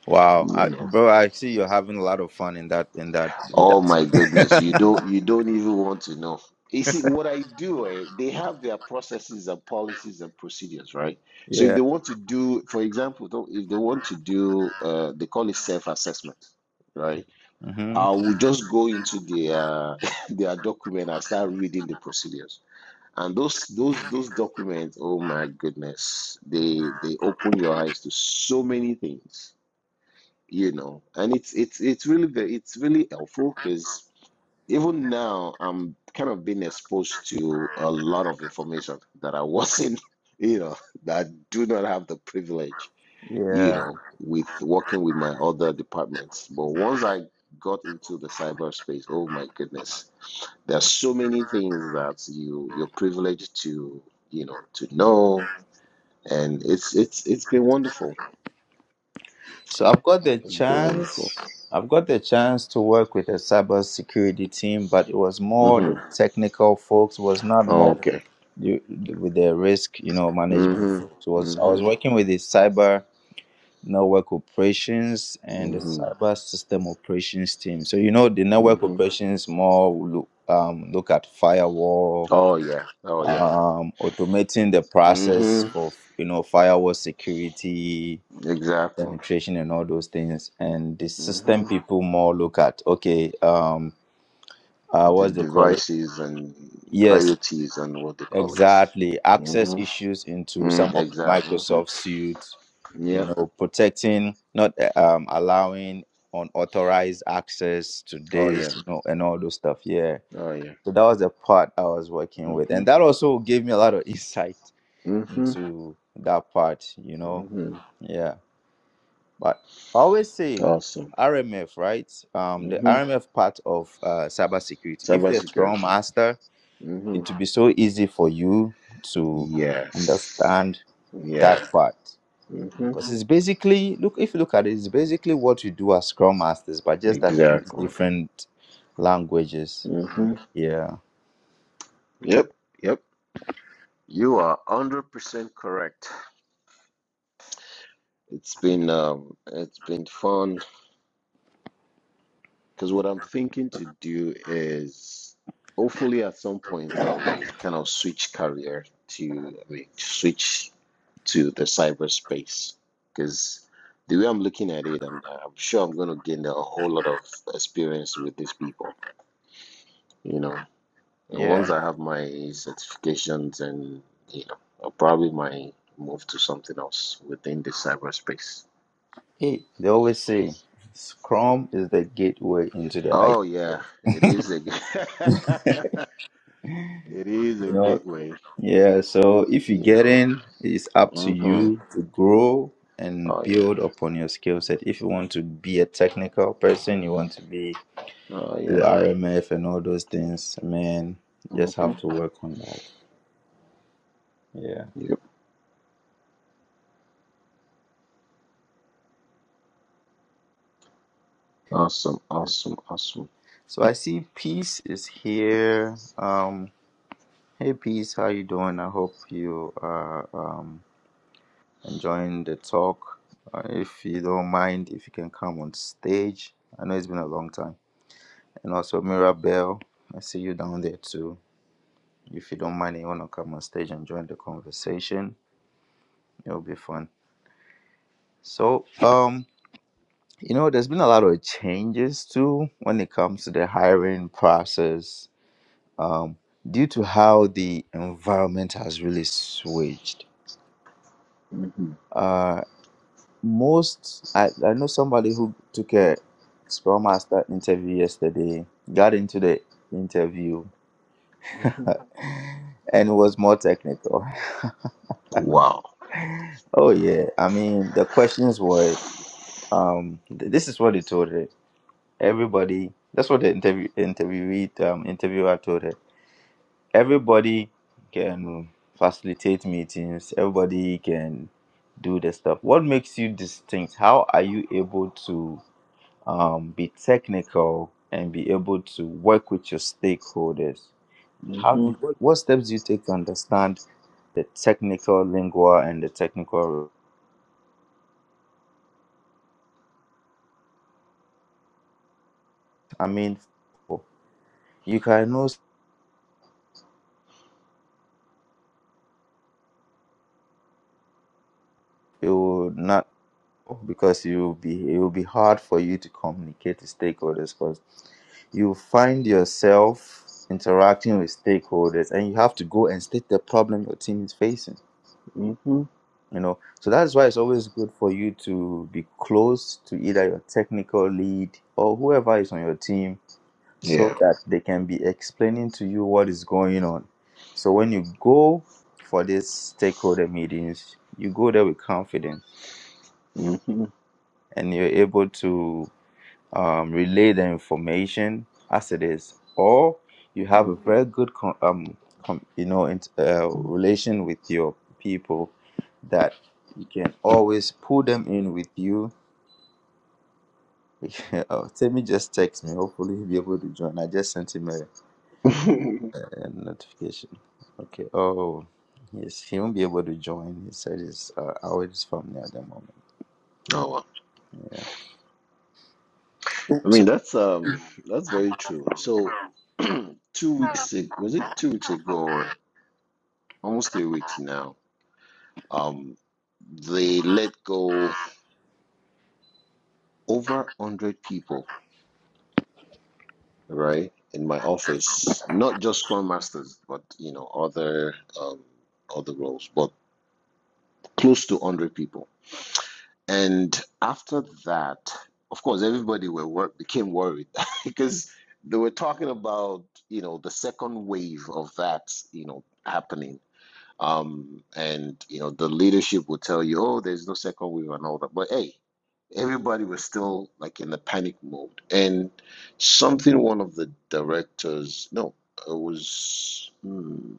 Speaker 1: Wow,
Speaker 2: that.
Speaker 1: I,
Speaker 2: You know.
Speaker 1: bro, I see you're having a lot of fun in that in that with
Speaker 2: Oh
Speaker 1: that
Speaker 2: my goodness, you
Speaker 1: scene.
Speaker 2: don't you don't even want to know. You see, what I do, eh, they have their processes and policies and procedures, right? So if
Speaker 1: yeah.
Speaker 2: they want to do, for example, though, if they want to do, uh, they call it self-assessment, right?
Speaker 1: hmm
Speaker 2: I will just go into their their document and start reading the procedures. And those those those documents, oh my goodness, they they open your eyes to so many things, you know. And it's it's it's really good. It's really helpful because even now I'm kind of being exposed to a lot of information that I wasn't, you know, that I do not have the privilege, you
Speaker 1: Yeah.
Speaker 2: know, with working with my other departments. But once I got into the cyberspace, oh my goodness, there are so many things that you you're privileged to, you know, to know, and it's it's it's been wonderful.
Speaker 1: So I've got the
Speaker 2: It's been wonderful.
Speaker 1: chance. I've got the chance to work with a cybersecurity team, but it was more
Speaker 2: Mm-hmm.
Speaker 1: the technical folks. Was not
Speaker 2: Oh,
Speaker 1: more
Speaker 2: okay.
Speaker 1: the, with the risk, you know, management folks. It
Speaker 2: Mm-hmm.
Speaker 1: was I was
Speaker 2: Mm-hmm.
Speaker 1: working with the cyber network operations and the
Speaker 2: Mm-hmm.
Speaker 1: cyber system operations team. So you know, the network
Speaker 2: Mm-hmm.
Speaker 1: operations more look, um, look at firewall,
Speaker 2: Oh yeah. Oh yeah.
Speaker 1: um, automating the process
Speaker 2: Mm-hmm.
Speaker 1: of you know firewall security
Speaker 2: Exactly.
Speaker 1: penetration and all those things and the system
Speaker 2: Mm-hmm.
Speaker 1: people more look at okay um uh
Speaker 2: The
Speaker 1: what's the call it
Speaker 2: devices and
Speaker 1: yes
Speaker 2: IoTs and what they call it.
Speaker 1: exactly access
Speaker 2: Mm-hmm.
Speaker 1: issues into some
Speaker 2: Mm,
Speaker 1: of the
Speaker 2: exactly.
Speaker 1: microsoft
Speaker 2: Mm-hmm.
Speaker 1: suites you
Speaker 2: Yep.
Speaker 1: know protecting not uh, um allowing unauthorized access to
Speaker 2: Oh yeah.
Speaker 1: this you know and all those stuff yeah
Speaker 2: Oh yeah.
Speaker 1: so that was the part i was working with
Speaker 2: Mm-hmm.
Speaker 1: and that also gave me a lot of insight
Speaker 2: Mm-hmm.
Speaker 1: into that part you know
Speaker 2: Mm-hmm.
Speaker 1: yeah But I always say
Speaker 2: Awesome.
Speaker 1: RMF, right? Um, the
Speaker 2: Mm-hmm.
Speaker 1: RMF part of uh, cybersecurity. If you're a strong
Speaker 2: Cybersecurity.
Speaker 1: master,
Speaker 2: Mm-hmm.
Speaker 1: it will be so easy for you to
Speaker 2: Yes.
Speaker 1: understand that
Speaker 2: Yeah.
Speaker 1: part.
Speaker 2: Mm-hmm.
Speaker 1: Because it's basically, look, if you look at it, it's basically what you do as Scrum Masters, but just that we use
Speaker 2: Exactly.
Speaker 1: different languages.
Speaker 2: Mm-hmm.
Speaker 1: Yeah.
Speaker 2: Yep. Yep. You are hundred percent correct. It's been um, it's been fun Because what I'm thinking to do is hopefully at some point I'll kind of switch career to, I mean, switch to the cyberspace. Because the way I'm looking at it, I'm, I'm sure I'm going to gain a whole lot of experience with these people, you know. And once
Speaker 1: Yeah.
Speaker 2: I have my certifications and, you know, I'll probably might move to something else within the cyberspace.
Speaker 1: Hey, they always say Scrum is the gateway into the IT.
Speaker 2: Oh, yeah, it is a, it is a
Speaker 1: You know,
Speaker 2: gateway.
Speaker 1: yeah, so if you
Speaker 2: You
Speaker 1: get
Speaker 2: know.
Speaker 1: in, it's up to
Speaker 2: Mm-hmm.
Speaker 1: you to grow and
Speaker 2: Oh yeah.
Speaker 1: build upon your skill set. If you want to be a technical person, you want to be
Speaker 2: Oh
Speaker 1: the
Speaker 2: yeah.
Speaker 1: RMF and all those things, man, you just
Speaker 2: Mm-hmm.
Speaker 1: have to work on that. Yeah.
Speaker 2: Yep. Awesome. Awesome. Awesome.
Speaker 1: So I see Peace is here. Um, hey Peace, how you doing? I hope you are um enjoying the talk. Uh, if you don't mind, if you can come on stage. I know it's been a long time. And also Mirabelle, I see you down there too. If you don't mind and you wanna come on stage and join the conversation, it'll be fun. So um, you know, there's been a lot of changes too when it comes to the hiring process. Um, due to how the environment has really switched.
Speaker 2: Mm-hmm.
Speaker 1: Uh most I, I know somebody who took a Scrum Master interview yesterday, got into the interview
Speaker 2: Mm-hmm.
Speaker 1: and it was more technical.
Speaker 2: Wow.
Speaker 1: Oh yeah, I mean the questions were um th- this is what they told her. Everybody that's what the interview interviewee um interviewer told her. Everybody can facilitate meetings, everybody can do the stuff. What makes you distinct? How are you able to um be technical and be able to work with your stakeholders? How
Speaker 2: Mm-hmm.
Speaker 1: do you what, what steps do you take to understand the technical lingua and the technical I mean You can know it will not because you will be it will be hard for you to communicate to stakeholders because you find yourself interacting with stakeholders and you have to go and state the problem your team is facing.
Speaker 2: Mm-hmm.
Speaker 1: You know, so that's why it's always good for you to be close to either your technical lead or whoever is on your team so
Speaker 2: Yeah.
Speaker 1: that they can be explaining to you what is going on. So when you go for these stakeholder meetings, you go there with confidence
Speaker 2: Mm-hmm.
Speaker 1: and you're able to um, relay the information as it is, or you have
Speaker 2: Mm.
Speaker 1: a very good, con- um, com- you know, int- uh, relation with your people that you can always pull them in with you. oh, Timmy just text me. Hopefully, he'll be able to join. I just sent him a, a notification. Okay. Oh, yes, he won't be able to join. He said his uh, hour is family at the moment.
Speaker 2: oh wow.
Speaker 1: Yeah.
Speaker 2: I mean
Speaker 1: So
Speaker 2: that's um that's very true. So two weeks ago, was it two weeks ago or almost three weeks now? Um, they let go over one hundred people right, in my office, not just Scrum Masters, but you know, other um, other roles, but close to 100 people. And after that, of course, everybody were wor- became worried because they were talking about you know the second wave of that you know happening um, and you know, the leadership will tell you, oh, there's no second wave and all that. But hey, everybody was still like in the panic mode. And something one of the directors, no, it was, hmm,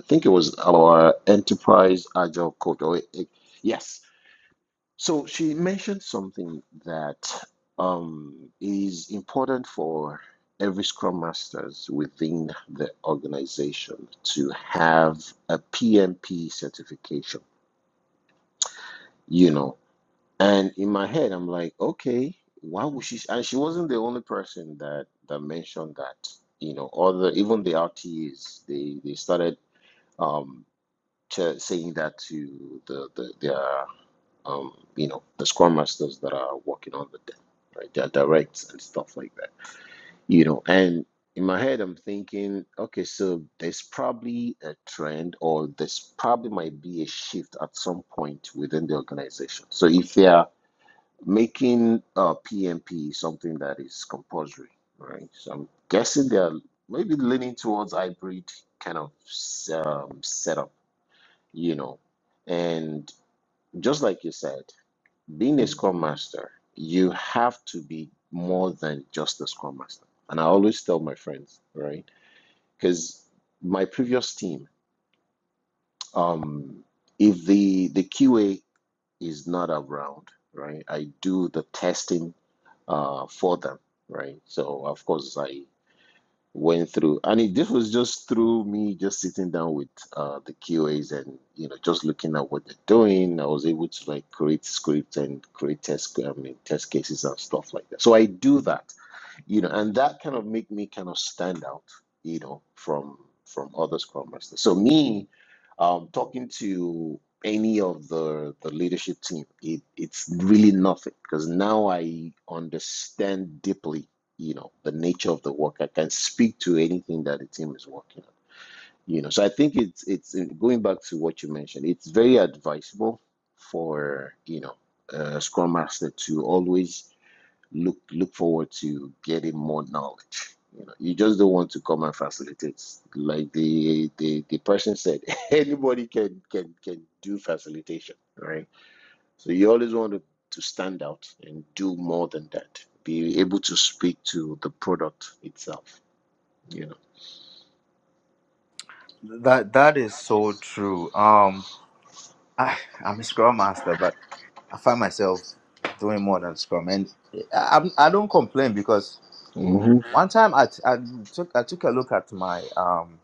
Speaker 2: I think it was our enterprise agile coach. Or it, it- yes. So she mentioned something that um, is important for every Scrum Masters within the organization to have a PMP certification, you know. And in my head, I'm like, okay, why would she? And she wasn't the only person that that mentioned that, you know. Other even the RTs, they they started um, to saying that to the the their um, you know, the scrum masters that are working on the day, right? They're direct and stuff like that, you know. And in my head, I'm thinking, okay, so there's probably a trend, or there's probably might be a shift at some point within the organization. So if they are making uh, PMP something that is compulsory, right? So I'm guessing they're maybe leaning towards hybrid kind of um, setup, you know. And just like you said. Being a Scrum Master, you have to be more than just a Scrum Master. And I always tell my friends, right? Because my previous team, um, if the the QA is not around, right, I do the testing uh, for them, right? So of course I went through. And it, this was just through me just sitting down with uh, the QAs and you know just looking at what they're doing. I was able to like create scripts and create test I mean test cases and stuff like that. So I do that you know, and that kind of make me kind of stand out, you know, from from other Scrum Masters. So me, um, talking to any of the the leadership team, it it's really nothing because now I understand deeply, you know, the nature of the work. I can speak to anything that the team is working on, you know. So I think it's it's uh, going back to what you mentioned. It's very advisable for you know a Scrum Master to always look look forward to getting more knowledge. You know, you just don't want to come and facilitate. Like the the, the person said, anybody can can can do facilitation, right? So you always want to, to stand out and do more than that. Be able to speak to the product itself. You know.
Speaker 1: that that is so true. Um I, I'm a scrum master, but I find myself doing more than scrum, and I, I'm- I don't complain because
Speaker 2: hmm
Speaker 1: one time I, t- I took I took a look at my um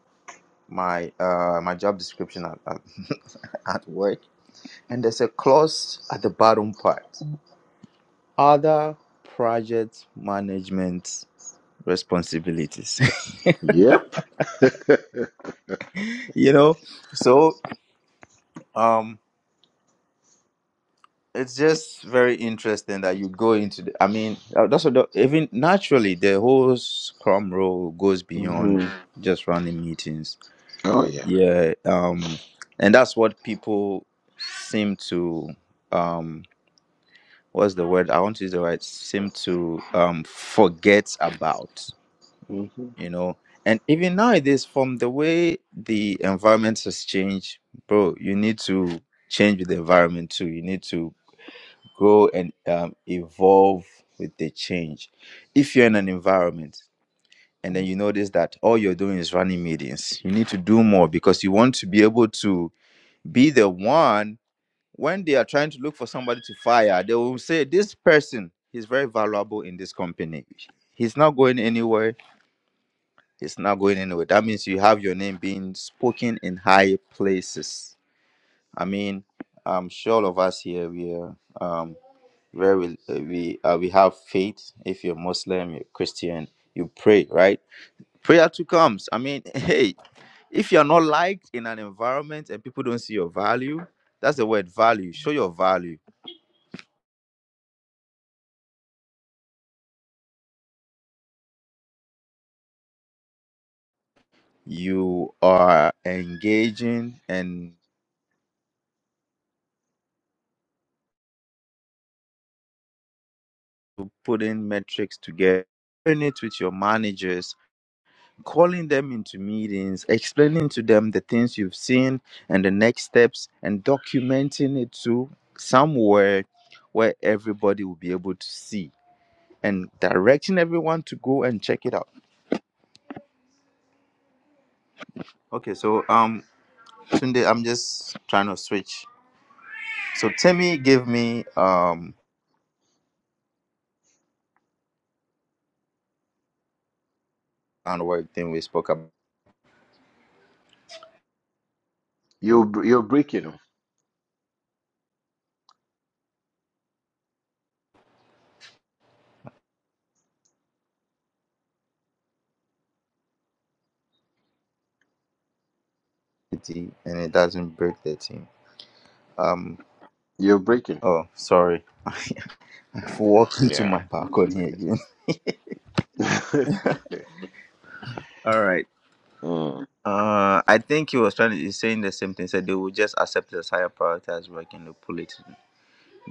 Speaker 1: my uh my job description at at, at work, and there's a clause at the bottom part: other project management responsibilities.
Speaker 2: Yep.
Speaker 1: you know, so um. it's just very interesting that you go into the, i mean uh, that's what the, even naturally the whole scrum role goes beyond
Speaker 2: hmm
Speaker 1: Mhm. just running meetings
Speaker 2: Oh yeah.
Speaker 1: yeah um and that's what people seem to um what's the word i want to use the right seem to um forget about
Speaker 2: hmm
Speaker 1: you know and even nowadays from the way the environment has changed bro you need to change with the environment too you need to grow and um, evolve with the change. If you're in an environment and then you notice that all you're doing is running meetings, you need to do more because you want to be able to be the one when they are trying to look for somebody to fire, they will say, This person is very valuable in this company. He's not going anywhere. He's not going anywhere. That means you have your name being spoken in high places. I mean, I'm sure all of us here, we are. um. where we uh, we uh, we have faith. If you're Muslim, you're Christian, you pray, right? Prayer too comes. I mean, hey, if you're not liked in an environment and people don't see your value, that's the word value. Show your value. You are engaging and putting metrics together, sharing it with your managers, calling them into meetings, explaining to them the things you've seen and the next steps, and documenting it to somewhere where everybody will be able to see and directing everyone to go and check it out. Okay, so um, Sunday, I'm just trying to switch. So Timmy gave me um, and work thing we spoke about,
Speaker 2: You're you're breaking. oh.
Speaker 1: and it doesn't break the team. Um,
Speaker 2: You're breaking.
Speaker 1: oh, sorry, I've walked into
Speaker 2: Yeah,
Speaker 1: my
Speaker 2: that's
Speaker 1: balcony again.
Speaker 2: okay.
Speaker 1: All right.
Speaker 2: mm.
Speaker 1: Uh, I think he was trying to he's saying the same thing. Said they will just accept it as higher priority as work and they'll pull it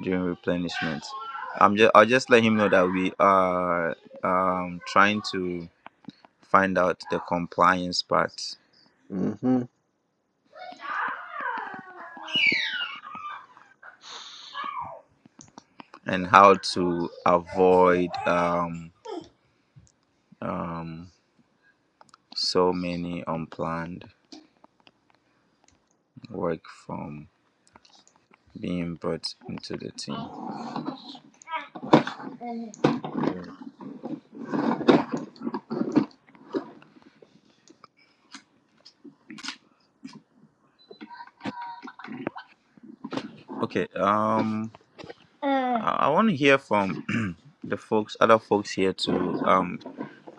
Speaker 1: during replenishment. I'm just I'll just let him know that we are um trying to find out the compliance part
Speaker 2: hmm
Speaker 1: and how to avoid um um so many unplanned work from being brought into the team.
Speaker 2: Yeah.
Speaker 1: Okay. Um, I, I want to hear from the folks, other folks here too. Um,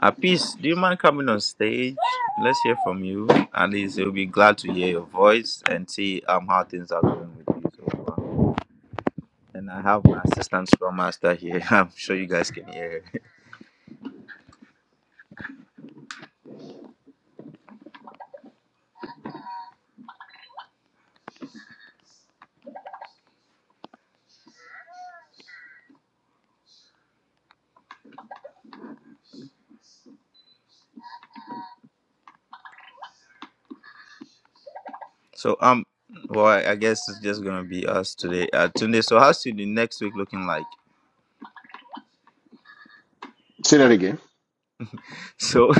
Speaker 1: Apis, do you mind coming on stage? Let's hear from you. At least we'll be glad to hear your voice and see um how things are going with you so far. And I have my assistant scrum master here. I'm sure you guys can hear. her. So um, well, I I guess it's just gonna be us today. Uh, today. So how's the next week looking like?
Speaker 2: Say that again.
Speaker 1: So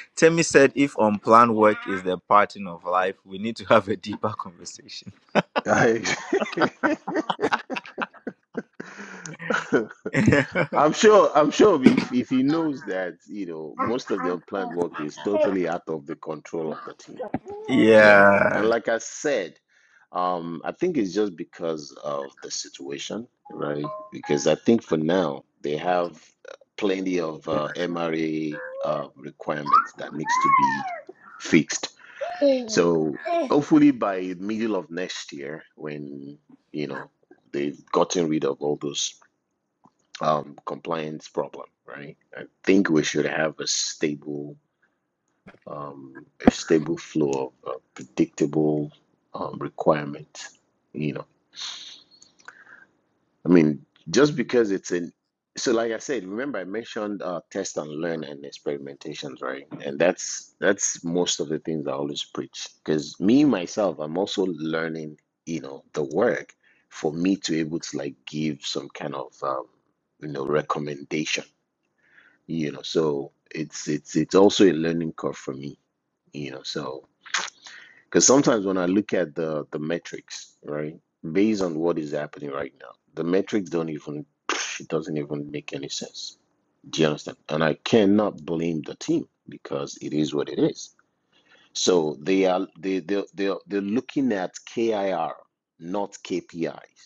Speaker 1: Temi said, if unplanned work is the pattern of life, we need to have a deeper conversation.
Speaker 2: I, I'm sure. I'm sure if if he knows that, you know, most of the unplanned work is totally out of the control of the team. Do you understand? And
Speaker 1: Yeah,
Speaker 2: like I said, um, I think it's just because of the situation, right? Because I think for now they have plenty of uh, MRA uh, requirements that needs to be fixed So hopefully by middle of next year, when you know they've gotten rid of all those um, compliance problem, right? I think we should have a stable, um, a stable flow of uh, predictable um, requirements. You know. I mean, just because it's in, so like I said, remember I mentioned uh, test and learn and experimentations, right? And that's that's most of the things I always preach. Because me myself, I'm also learning, you know, the work for me to able to like give some kind of um, you know recommendation, you know. So it's it's it's also a learning curve for me, you know. So because sometimes when I look at the the metrics, right, based on what is happening right now, the metrics don't even it doesn't even make any sense. Do you understand? And I cannot blame the team because it is what it is. So they are they they they are, they're looking at KIR, not KPIs.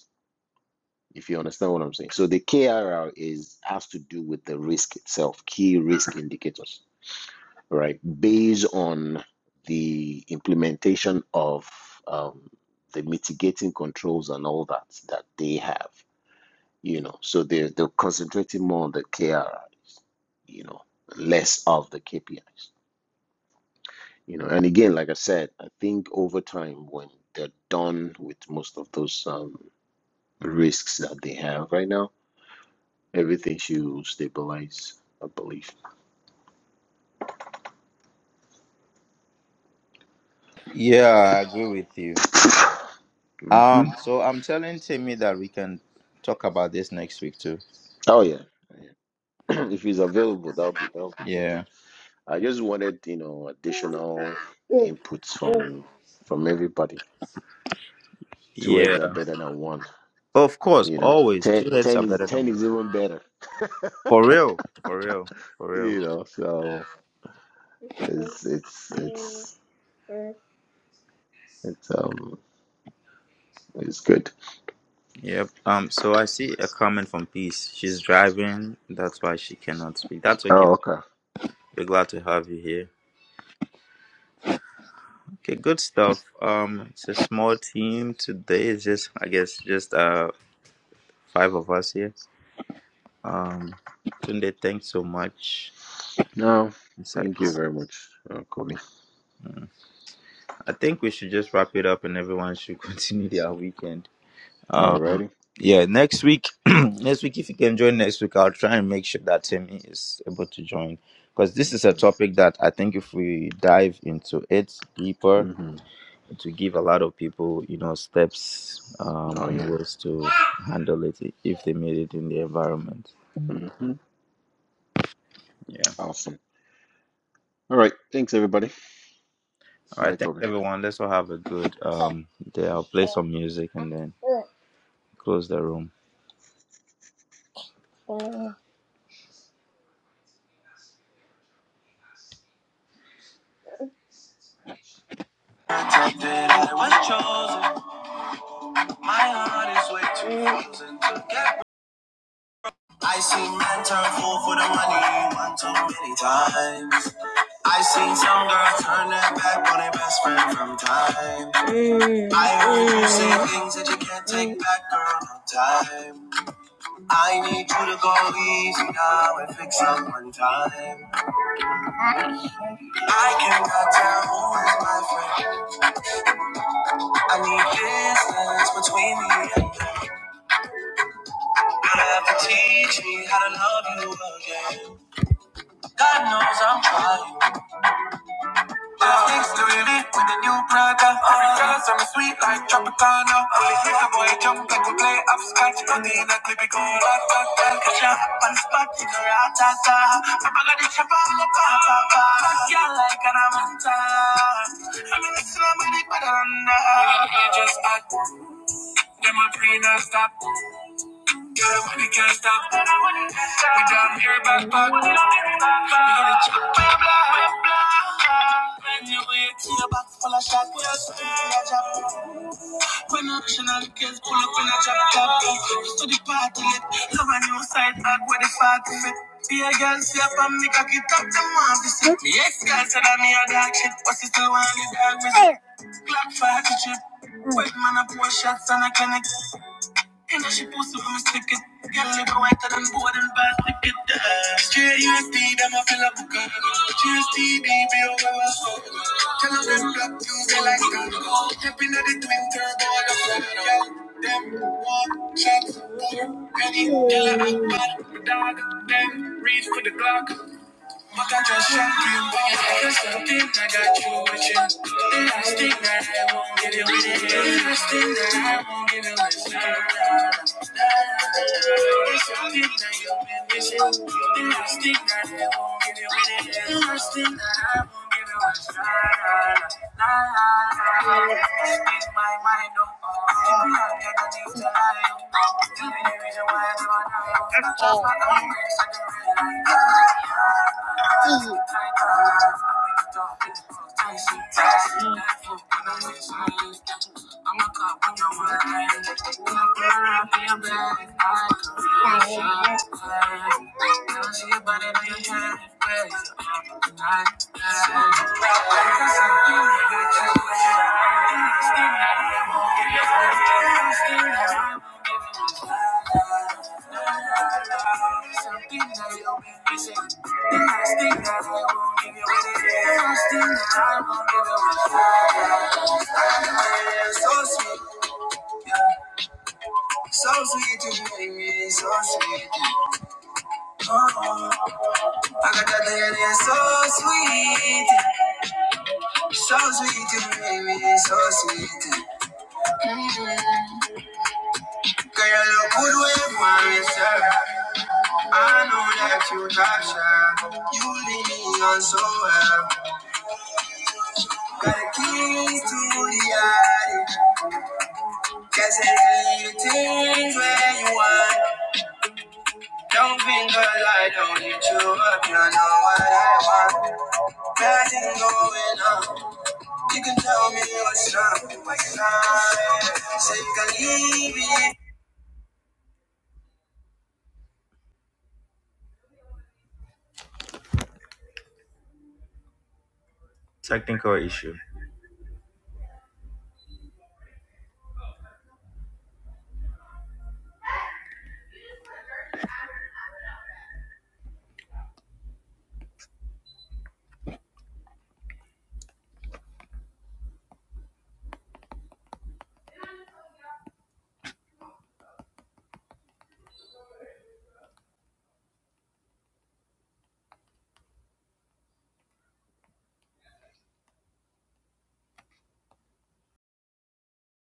Speaker 2: If you understand what I'm saying. So the KIR is has to do with the risk itself, key risk indicators right, based on the implementation of um, the mitigating controls and all that that they have, you know. So they're, they're concentrating more on the KRIs, you know, less of the KPIs, you know. And again, like I said, I think over time, when they're done with most of those um, risks that they have right now, everything should stabilize, I believe.
Speaker 1: yeah, I agree with you.
Speaker 2: Mhm.
Speaker 1: Um, so I'm telling Timmy that we can talk about this next week too.
Speaker 2: Oh, yeah. Oh, yeah. if he's available, that'll be that'll be good.
Speaker 1: Yeah.
Speaker 2: I just wanted, you know, additional inputs from from everybody. Two words
Speaker 1: Yeah.
Speaker 2: are better than one,
Speaker 1: Of course,
Speaker 2: you know.
Speaker 1: always. Two
Speaker 2: Ten,
Speaker 1: heads
Speaker 2: ten
Speaker 1: are
Speaker 2: is
Speaker 1: better than
Speaker 2: ten
Speaker 1: one.
Speaker 2: is even better,
Speaker 1: For real. For real. For real.
Speaker 2: you know. So it's it's it's it's um it's good.
Speaker 1: Yep. Um, so I see a comment from Peace. She's driving, that's why she cannot speak. That's okay.
Speaker 2: Oh, okay.
Speaker 1: We're glad to have you here. Okay, good stuff. Um, it's a small team today. It's just I guess just uh five of us here. Um Tunde, thanks so much.
Speaker 2: No, thank you
Speaker 1: Insights.
Speaker 2: very much, uh, Kobe.
Speaker 1: I think we should just wrap it up and everyone should continue their weekend. Um,
Speaker 2: Alrighty.
Speaker 1: yeah, next week, next week, if you can join next week, I'll try and make sure that Timmy is able to join because this is a
Speaker 2: Mm-hmm.
Speaker 1: topic that I think if we dive into it deeper,
Speaker 2: Mm-hmm.
Speaker 1: to give a lot of people, you know, steps um,
Speaker 2: Oh
Speaker 1: and
Speaker 2: yeah.
Speaker 1: ways to handle it if they made it in the environment.
Speaker 2: Mm-hmm.
Speaker 1: Yeah.
Speaker 2: Awesome. All right. Thanks everybody.
Speaker 1: All right.
Speaker 2: Bye,
Speaker 1: Thanks,
Speaker 2: Kobe.
Speaker 1: everyone. Let's all have a good um, day. I'll play some music and then close the room. I thought that seen man turn fool for the money one too many times. I seen some girl turn their back on their best friend from time. I heard you say things that you can't take back, girl, no time. I need you to go easy now and fix up one time. I cannot tell who is my friend. I need distance between me and them. You have to teach me how to love you again. God knows I'm trying. Just things to me with a new brother. Every chance on am sweet like Tropicana. Only hit a boy jump like we play upscotch. Nothing in a clip, it go rat tat tat. Catch ya up on the spot, you know rat tat tat. I'm a chopper, I'm a papa. Fuck ya like an amanta. I'm in the slam, I'm in the baranda. All of you just act. Them a free non Got a money, can't stop. We down here, back, back. We on the chop, blah, blah. Box full of shots, we are sitting full of jab. When national kids pull up in a jab, jab. to the party, lit. love a new side, back where the party of it. Be a girl, see up and make a kid up, them want this shit. Me ex-girl said that me a dark shit, but she still want the dog with the clock for her to chip. Quick man, I pour shots and I can't Ain't she supposed to miss the kid? Get me whiter than board and bad to get the hair. Straight USD, them a fill up a gun. GSD, baby, oh, well, I saw. Tell them them black Tuesday like that. Jumping at the twin turbo, the front. Them one shot, boom. Any killer act bad. My Dog, them reach for the clock. But I just shot you, but you got something I got you watching. The last thing that I won't give you is. The last thing that I won't give you is. That's all. I'm a cop in your mind. Girl, I feel bad. I could be shot. Now she about it in your head. Where's your mind? Like I said, you nigga, check what you like. You understand that I won't give you up. You understand that I won't give you up. Something that you'll be missing. And it's The last thing that I won't give you up. And it's The last thing that I won't give you up. So sweet, you make me so sweet. Oh, I got that thing so sweet. So sweet, you make me so sweet. mm Girl, you look good with my sir. I know that you capture. You lead me on so well. Got the keys to the attic. Guess it's the little things where you want. Don't think girl, I lie, don't need you up. You know what's going on. You can tell me what's up. What's up? Technical issue.